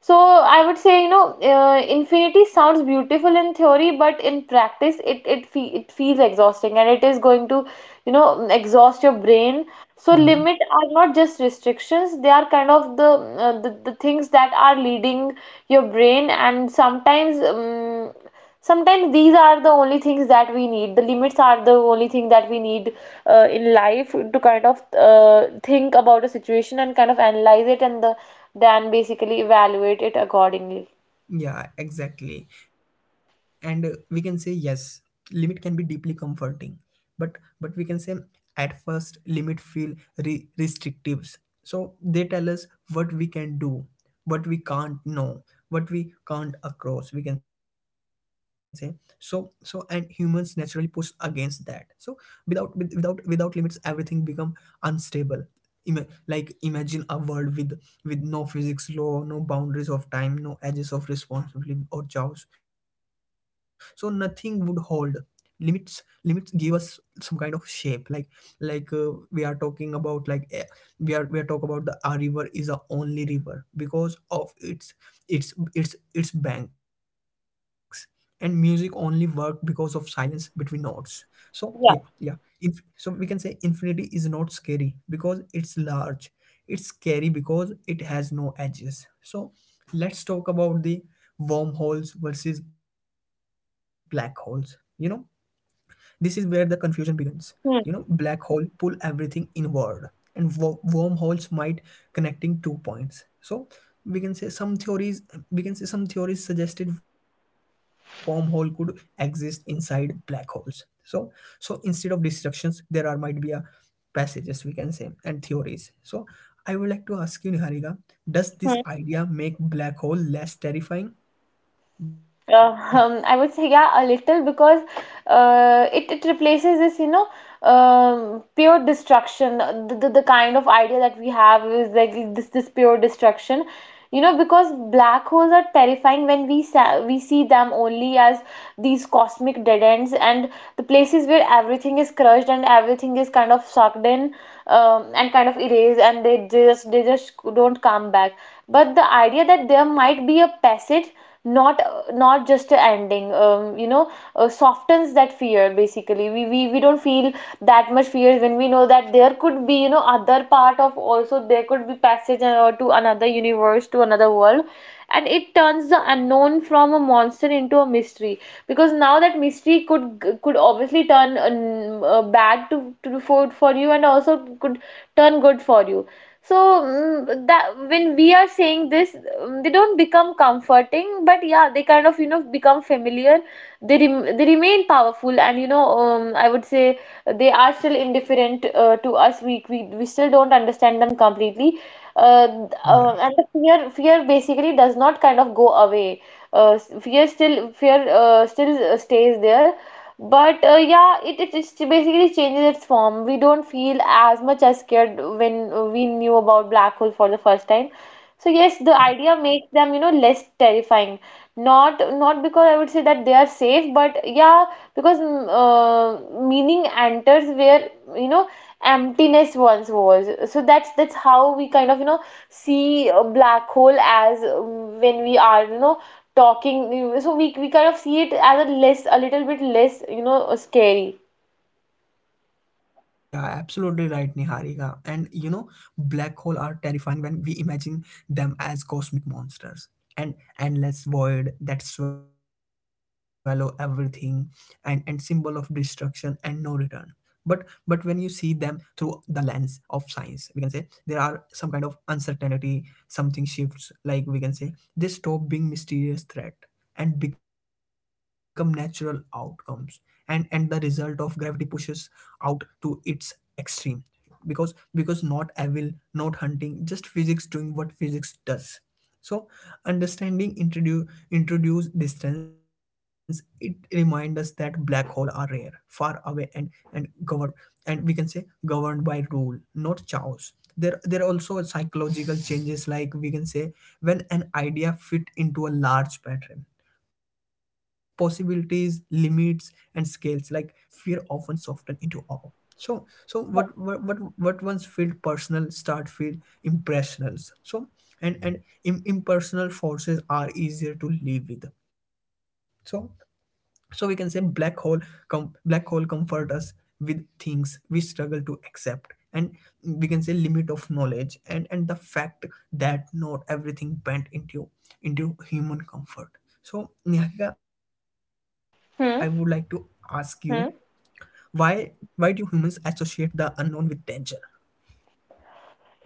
Speaker 2: So I would say, infinity sounds beautiful in theory, but in practice, it feels exhausting, and it is going to, you know, exhaust your brain. So
Speaker 1: yeah,
Speaker 2: limit are not just restrictions; they are kind of the the things that are leading your brain. And sometimes sometimes these are the only things that we need. The limits are the only thing that we need in life to kind of think about a situation and kind of analyze it and then basically evaluate it accordingly.
Speaker 1: yeah, exactly. And we can say yes, limit can be deeply comforting, but we can say at first limit feel restrictives. So they tell us what we can do, what we can't know, what we can't across, we can say. So and humans naturally push against that. So without with, without without limits, everything become unstable. Like imagine a world with no physics law, no boundaries of time, no edges of responsibility or chaos, so nothing would hold. Limits give us some kind of shape, like we are talking about we are talk about the our river is a only river because of its its banks, and music only work because of silence between notes. So yeah.
Speaker 2: Yeah.
Speaker 1: So we can say infinity is not scary because it's large, it's scary because it has no edges. So let's talk about the wormholes versus black holes, you know, this is where the confusion begins. You know,
Speaker 2: Hmm.
Speaker 1: black hole pull everything inward, and wormholes might connecting two points. So we can say some theories. We can say some theories suggested wormhole could exist inside black holes. So so instead of destructions, there are might be a passages, we can say, and theories. So I would like to ask you, Niharika, does this
Speaker 2: Hmm.
Speaker 1: idea make black hole less terrifying? Yeah,
Speaker 2: I would say yeah, a little, because it replaces this, you know, pure destruction. The kind of idea that we have is like this pure destruction, you know, because black holes are terrifying when we sa we see them only as these cosmic dead ends and the places where everything is crushed and everything is kind of sucked in, and kind of erased, and they just don't come back. But the idea that there might be a passage, not not just a ending, softens that fear. Basically we don't feel that much fear when we know that there could be, you know, other part of, also there could be passage to another universe, to another world, and it turns the unknown from a monster into a mystery, because now that mystery could obviously turn bad to for you, and also could turn good for you. So that when we are saying this, they don't become comforting, but yeah, they kind of, you know, become familiar. They remain powerful, and you know, I would say they are still indifferent to us. We still don't understand them completely. uh, and the
Speaker 1: yeah.
Speaker 2: fear basically does not kind of go away. Fear still fear still stays there, but yeah, it just basically changes its form. We don't feel as much as scared when we knew about black hole for the first time. So yes, the idea makes them, you know, less terrifying. Not not because I would say that they are safe, but yeah, because meaning enters where, you know, emptiness once was. So that's how we kind of, you know, see a black hole as, when we are, you know, talking. So we kind of see it as a less, a little bit less, you know, scary.
Speaker 1: Yeah, absolutely right, Niharika. And you know, black holes are terrifying when we imagine them as cosmic monsters. An endless void that swallow everything, and symbol of destruction and no return. But when you see them through the lens of science, we can say there are some kind of uncertainty, something shifts, like we can say they stop being mysterious threat and become natural outcomes, and the result of gravity pushes out to its extreme. Because not evil, not hunting, just physics doing what physics does. So, understanding introduce distance. It reminds us that black holes are rare, far away, and governed, and we can say governed by rule, not chaos. There are also psychological changes, like we can say when an idea fit into a large pattern, possibilities, limits, and scales, like fear often soften into awe. So what once felt personal start feel impersonal. So and impersonal forces are easier to live with. So so we can say black hole black hole comfort us with things we struggle to accept, and we can say limit of knowledge, and the fact that not everything bent into human comfort. So Niharika, I would like to ask you
Speaker 2: Hmm. Hmm.
Speaker 1: why why do humans associate the unknown with danger?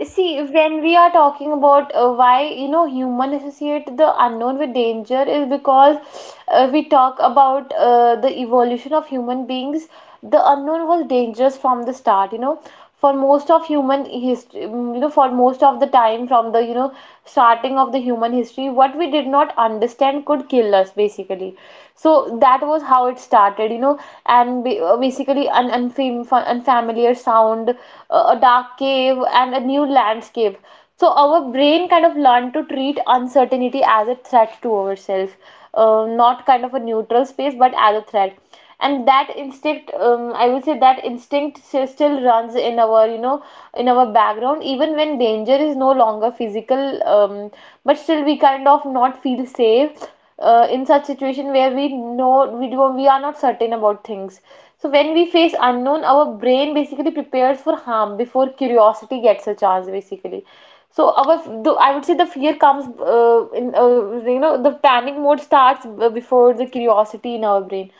Speaker 2: See, when we are talking about, why, you know, human associate the unknown with danger, is because we talk about the evolution of human beings. The unknown was dangerous from the start. You know, for most of human history, you know, for most of the time from the, you know, starting of the human history, what we did not understand could kill us basically. So that that was how it started, you know. And basically an unfamiliar sound, a dark cave, and a new landscape. So our brain kind of learned to treat uncertainty as a threat to ourselves, not kind of a neutral space, but as a threat. And that instinct, I would say that instinct still runs in our, you know, in our background, even when danger is no longer physical. um, but still we kind of not feel safe in such situation where we know we do, we are not certain about things. So when we face unknown, our brain basically prepares for harm before curiosity gets a chance, basically. So our, the, I would say the fear comes in you know, the panic mode starts before the curiosity in our brain.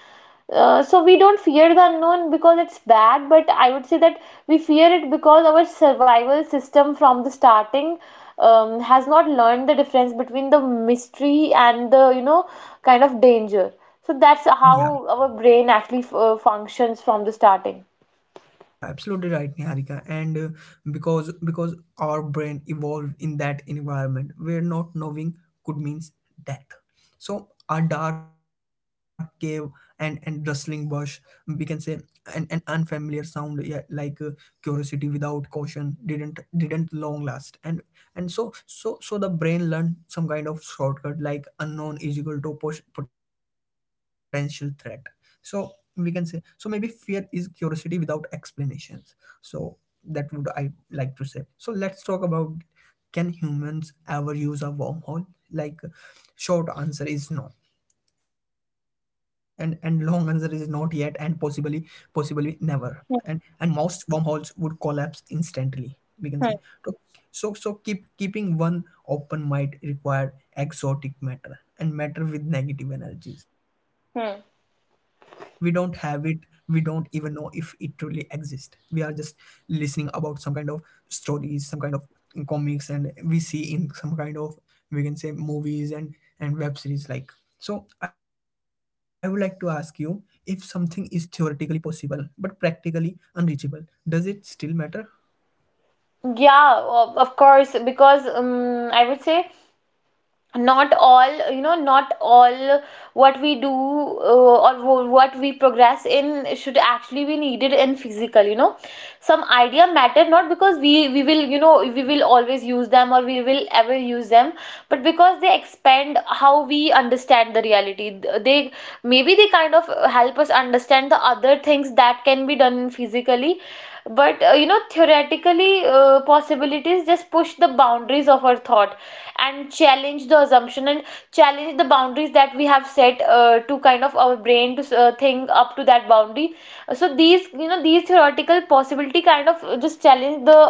Speaker 2: So we don't fear the unknown because it's bad, but I would say that we fear it because our survival system from the starting, has not learned the difference between the mystery and the, you know, kind of danger.
Speaker 1: Yeah.
Speaker 2: So that's how our brain actually f functions from the starting.
Speaker 1: Yeah, absolutely right, Niharika. And because our brain evolved in that environment where not knowing could means death. So a dark cave and rustling bush, we can say an unfamiliar sound, yeah, like curiosity without caution didn't long last, and so the brain learned some kind of shortcut, like unknown is equal to potential threat. So we can say, so maybe fear is curiosity without explanations. So that would I like to say, so let's talk about, can humans ever use a wormhole? Like, short answer is no, and long answer is not yet and possibly, possibly never. And
Speaker 2: Hmm,
Speaker 1: most wormholes would collapse instantly, we can say.
Speaker 2: hmm,
Speaker 1: So, keeping one open might require exotic matter and matter with negative energies. We don't
Speaker 2: hmm.
Speaker 1: have it. We don't even know if it truly exists. We are just listening about some kind of stories, some kind of comics, and we see in some kind of, we can say, movies and web series like. So, I would like to ask you, if something is theoretically possible but practically unreachable, does it still matter?
Speaker 2: Yeah, of course, because I would say, not all, you know, not all what we do or what we progress in should actually be needed in physical, you know. Some idea matter, not because we will, you know, we will always use them or we will ever use them, but because they expand how we understand the reality. They, maybe they kind of help us understand the other things that can be done physically. But you know, theoretically, possibilities just push the boundaries of our thought, and challenge the assumption, and challenge the boundaries that we have set to kind of our brain to think up to that boundary. So these, you know, these theoretical possibility kind of just challenge the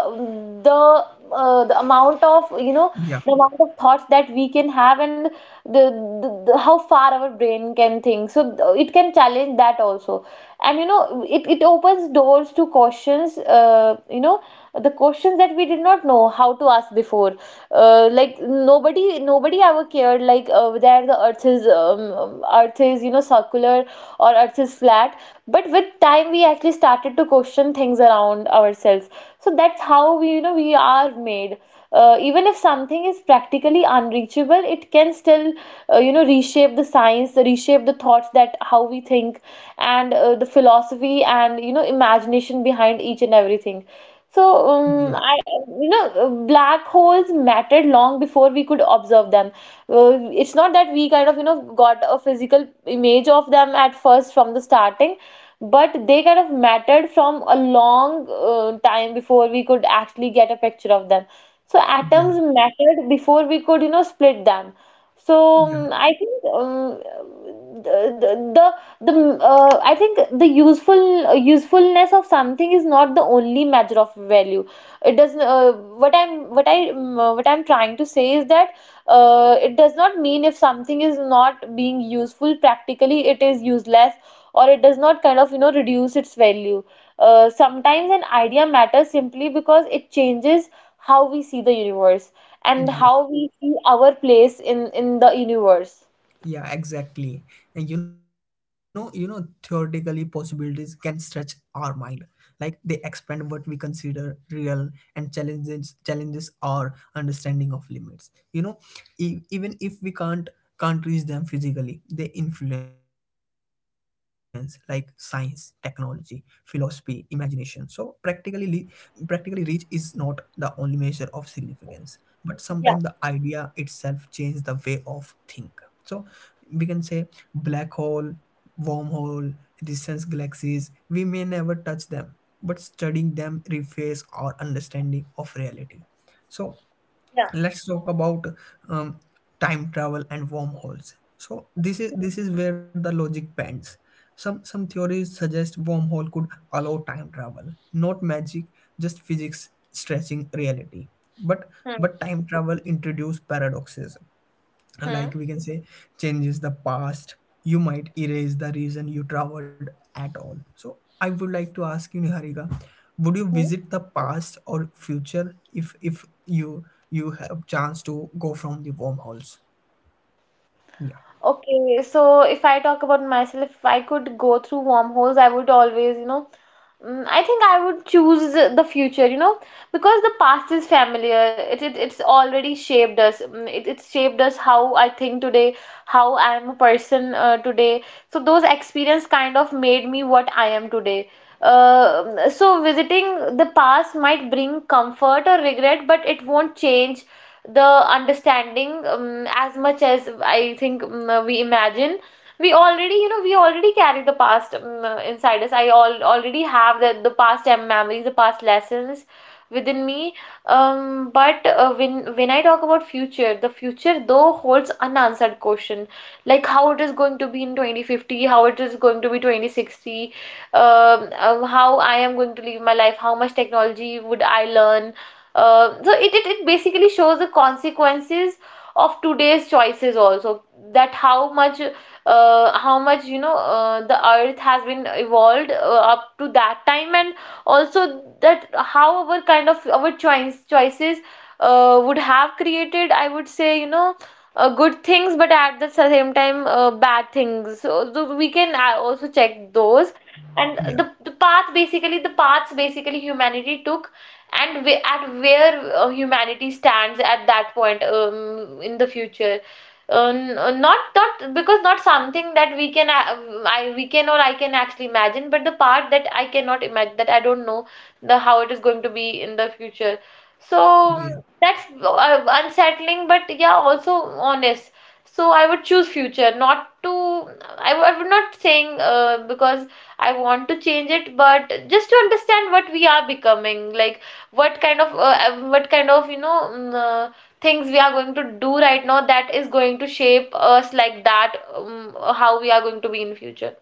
Speaker 2: the uh, the amount of, you know,
Speaker 1: Yeah,
Speaker 2: the amount of thoughts that we can have, and the, the how far our brain can think. So it can challenge that also. And you know, it opens doors to questions, you know, the questions that we did not know how to ask before. Like, nobody ever cared, like, whether the earth is, earth is, you know, circular or earth is flat. But with time, we actually started to question things around ourselves. So that's how we, you know, we are made. Even if something is practically unreachable, it can still, you know, reshape the science, reshape the thoughts, that how we think, and the philosophy and, you know, imagination behind each and everything. So, um,
Speaker 1: yeah,
Speaker 2: I, you know, black holes mattered long before we could observe them. It's not that we kind of, you know, got a physical image of them at first from the starting, but they kind of mattered from a long, time before we could actually get a picture of them. So, atoms
Speaker 1: yeah.
Speaker 2: mattered before we could, you know, split them. So,
Speaker 1: Yeah,
Speaker 2: I think the, the the the I think the useful, usefulness of something is not the only measure of value. It does not, what I'm trying to say is that it does not mean, if something is not being useful practically, it is useless, or it does not kind of, you know, reduce its value. Sometimes an idea matters simply because it changes how we see the universe,
Speaker 1: mm,
Speaker 2: and how
Speaker 1: yeah,
Speaker 2: we see our place in the universe.
Speaker 1: yeah, exactly. And you know, theoretically, possibilities can stretch our mind. Like they expand what we consider real and challenges our understanding of limits. You know, even if we can't reach them physically, they influence like science, technology, philosophy, imagination. So practically, practically, reach is not the only measure of significance. But sometimes
Speaker 2: Yeah,
Speaker 1: the idea itself changes the way of think. So we can say black hole, wormhole, distance galaxies, we may never touch them, but studying them refers our understanding of reality. So
Speaker 2: yeah.
Speaker 1: let's talk about um, time travel and wormholes. So this is where the logic bends. Some theories suggest wormhole could allow time travel, not magic, just physics stretching reality. but
Speaker 2: Hmm.
Speaker 1: but time travel introduce paradoxes,
Speaker 2: Hmm.
Speaker 1: like we can say changes the past, you might erase the reason you traveled at all. So I would like to ask you, Niharika, would you visit the past or future, if if you have chance to go from the wormholes? yeah
Speaker 2: Okay, so if I talk about myself, if I could go through wormholes, I would always, you know, I think I would choose the future, you know, because the past is familiar. It's already shaped us. Mm, it it's shaped us how I think today, how I am a person, today. So those experience kind of made me what I am today. So visiting the past might bring comfort or regret, but it won't change the understanding, as much as I think, we imagine. We already, you know, we already carry the past, inside us. I all already have the past, memories, the past lessons within me. But when I talk about future, the future though holds unanswered question, like how it is going to be in 2050, how it is going to be 2060, how I am going to live my life, how much technology would I learn. It basically shows the consequences of today's choices also, that how much the earth has been evolved, up to that time, and also that how our kind of our choice choices would have created, I would say, good things, but at the same time, bad things. So we can also
Speaker 1: yeah
Speaker 2: check those, and the paths basically humanity took, and at where humanity stands at that point in the future. Not because not something that we can a- I we can or I can actually imagine, but the part that I cannot imagine, that I don't know the how it is going to be in the future. So
Speaker 1: Yeah.
Speaker 2: that's unsettling, but yeah, also honest. So I would choose future, not to I, w- I would not saying because I want to change it, but just to understand what we are becoming. Like what kind of things we are going to do right now, that is going to shape us like that, how we are going to be in future.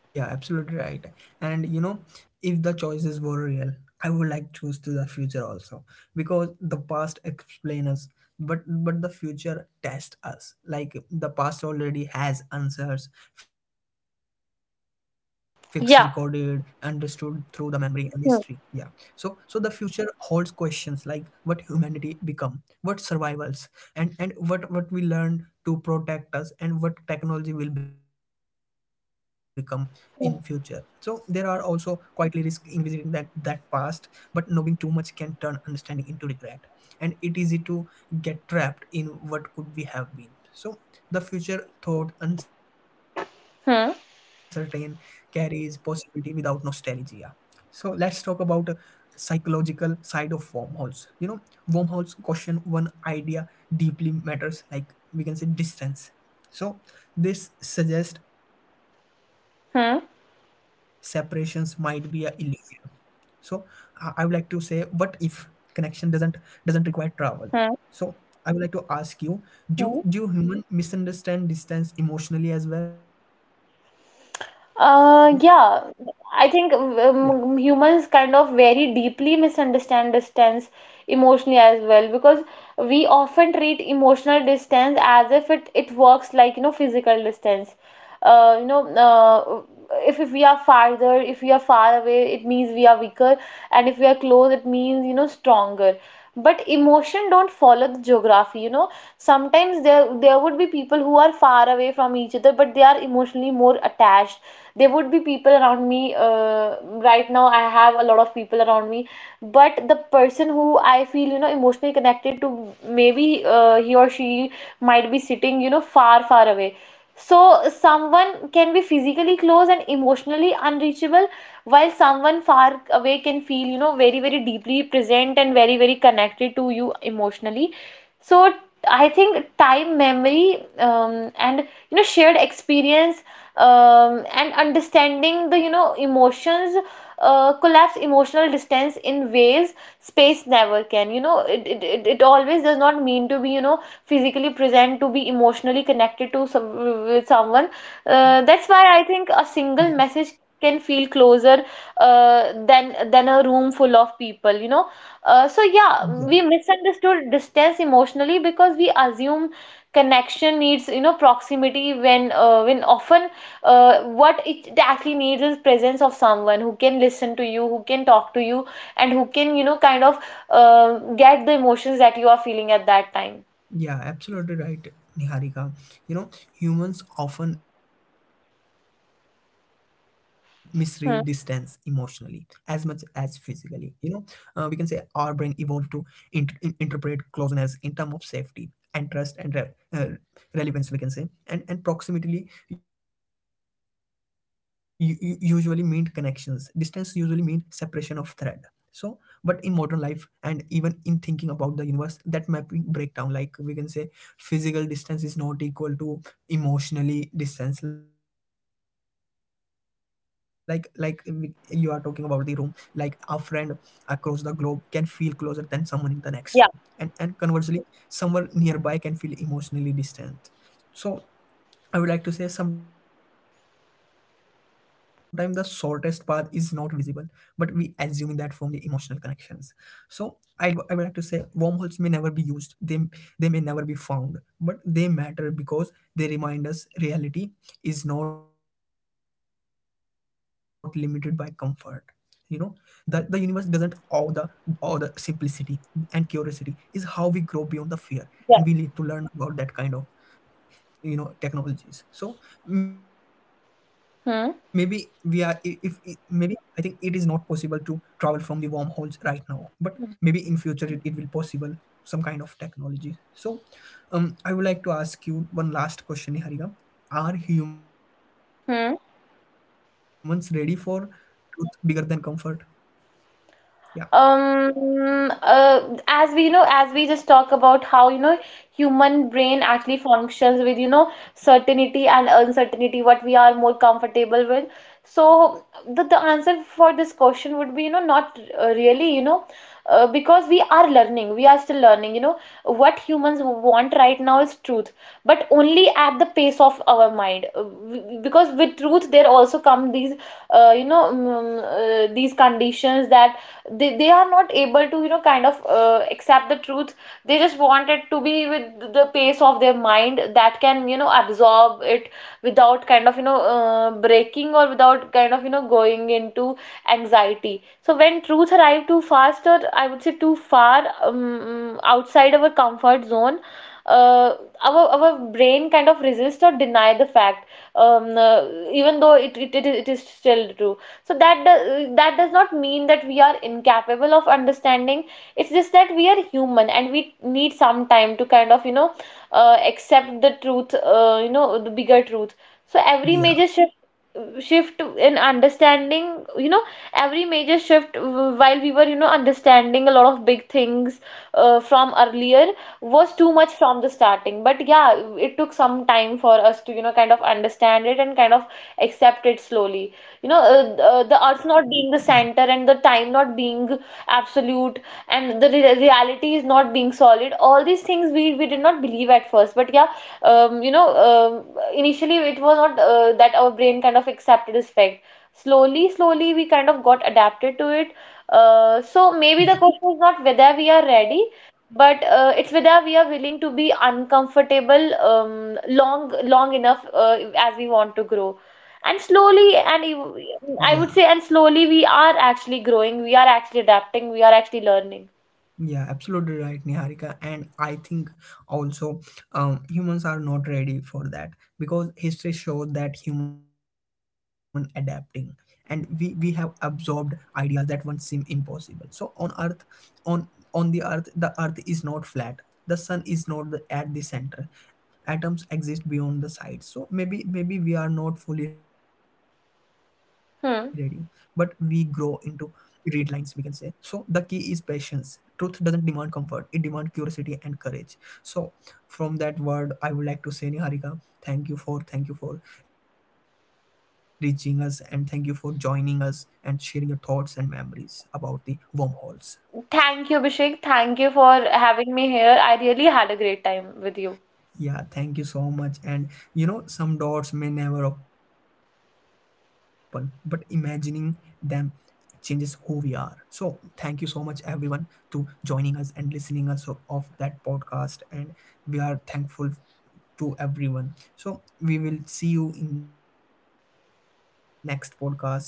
Speaker 1: Yeah, absolutely right. And you know, if the choices were real, I would like choose to the future also, because the past explain us, but the future test us. Like the past already has answers, fixed, recorded, understood through the
Speaker 2: Yeah.
Speaker 1: memory and history. Yeah. So so
Speaker 2: Hmm.
Speaker 1: the future holds questions, like what humanity become, what survivals, and what we learn to protect us, and what technology will become in future. So there are also quietly risk in visiting that past, but knowing too much can turn understanding into regret, and it is easy to get trapped in what could we have been. So the future thought uncertain
Speaker 2: Hmm.
Speaker 1: carries possibility without nostalgia. So let's talk about psychological side of wormholes. You know, wormholes caution one idea deeply matters, like we can say distance. So this suggests separations might be a
Speaker 2: Hmm.
Speaker 1: illusion. So I would like to say, what if connection doesn't require travel? So
Speaker 2: Hmm.
Speaker 1: I would like to ask you, do
Speaker 2: Hmm.
Speaker 1: human misunderstand distance emotionally as well? Yeah,
Speaker 2: Yeah, I think humans kind of very deeply misunderstand distance emotionally as well, because we often treat emotional distance as if it works like, you know, physical distance. Uh, you know, uh, if we are farther, if we are far away, it means we are weaker, and if we are close, it means, you know, stronger. But emotion don't follow the geography, you know. Sometimes there would be people who are far away from each other, but they are emotionally more attached. There would be people around me. Right now I have a lot of people around me, but the person who I feel, you know, emotionally connected to, maybe he or she might be sitting, you know, far far away. So someone can be physically close and emotionally unreachable, while someone far away can feel, you know, very very deeply present and very very connected to you emotionally. So I think time, memory, and, you know, shared experience, and understanding the, you know, emotions, collapse emotional distance in ways space never can. You know, it always does not mean to be, you know, physically present to be emotionally connected to some, with someone.
Speaker 1: yeah,
Speaker 2: That's why I think a single message can feel closer than a room full of people, you know. So yeah, we misunderstood distance emotionally because we assume connection needs, you know, proximity, when often what it actually needs is presence of someone who can listen to you, who can talk to you, and who can, you know, kind of get the emotions that you are feeling at that time.
Speaker 1: Yeah, absolutely right, Niharika. You know, humans often misread distance emotionally as much as physically.
Speaker 2: Hmm.
Speaker 1: You know, we can say our brain evolved to interpret closeness in terms of safety and trust and uh, relevance, we can say. And proximity usually meant connections. Distance usually meant separation of threat. So, but in modern life and even in thinking about the universe, that mapping breakdown, like we can say physical distance is not equal to emotionally distance. Like we, you are talking about the room, like a friend across the globe can feel closer than someone in the next room. And conversely,
Speaker 2: Yeah.
Speaker 1: someone nearby can feel emotionally distant. So I would like to say sometimes the shortest path is not visible, but we assuming that from the emotional connections. So I would like to say wormholes may never be used. They may never be found, but they matter because they remind us reality is not limited by comfort. You know that the universe doesn't owe the all the simplicity, and curiosity is how we grow beyond the fear, and we need to learn about that kind of, you know, technologies. So maybe we are I- if I- maybe I think it
Speaker 2: Hmm.
Speaker 1: is not possible to travel from the wormholes right now, but maybe in future, it will possible some kind of technology. So I would like to ask you one last question, Harika, are humans ready for
Speaker 2: Hmm.
Speaker 1: truth bigger than comfort? yeah
Speaker 2: Um, uh, as we, you know, as we just talk about how, you know, human brain actually functions with, you know, certainty and uncertainty, what we are more comfortable with. So the answer for this question would be, you know, not really, you know, because we are learning, we are still learning, you know. What humans want right now is truth, but only at the pace of our mind. Because with truth, there also come these, uh, you know, mm, mm, these conditions that they are not able to, you know, kind of accept the truth. They just want it to be with the pace of their mind that can, you know, absorb it without kind of, you know, breaking, or without kind of, you know, going into anxiety. So when truth arrive too fast, or I would say too far outside our comfort zone, uh, our brain kind of resist or deny the fact, um, uh, even though it is still true. So that do, that does not mean that we are incapable of understanding. It's just that we are human and we need some time to kind of, you know, accept the truth, you know, the bigger truth. So every
Speaker 1: yeah
Speaker 2: major shift in understanding, you know, every major shift, while we were, you know, understanding a lot of big things from earlier, was too much from the starting. But yeah, it took some time for us to, you know, kind of understand it and kind of accept it slowly. You know,
Speaker 1: yeah
Speaker 2: the earth not being the center, and the time not being absolute, and reality is not being solid, all these things we did not believe at first. But yeah, you know, initially it was not that our brain kind of accepted as fact. Slowly slowly, we kind of got adapted to it. So
Speaker 1: yeah
Speaker 2: maybe the question is not whether we are ready, but it's whether we are willing to be uncomfortable long long enough, as we want to grow. And
Speaker 1: yeah
Speaker 2: slowly, I would say, and slowly we are actually growing, we are actually adapting, we are actually learning.
Speaker 1: Yeah, absolutely right, Niharika. And I think also humans are not ready for that, because history shows that human adapting, and we have absorbed ideas that once seem impossible. So on earth, on on the earth is not flat. The sun is not at the center. Atoms exist beyond the sides. So maybe we are not fully ready, but we grow into
Speaker 2: Hmm.
Speaker 1: read lines, we can say. So the key is patience. Truth doesn't demand comfort, it demands curiosity and courage. So from that word, I would like to say, Niharika, thank you for reaching us, and thank you for joining us and sharing your thoughts and memories about the wormholes.
Speaker 2: Thank you, Abhishek. Thank you for having me here. I really had a great time with you.
Speaker 1: Yeah, thank you so much. And you know, some doors may never open, but imagining them changes who we are. So thank you so much, everyone, to joining us and listening us of that podcast, and we are thankful to everyone. So we will see you in next podcast. Take care, bye bye.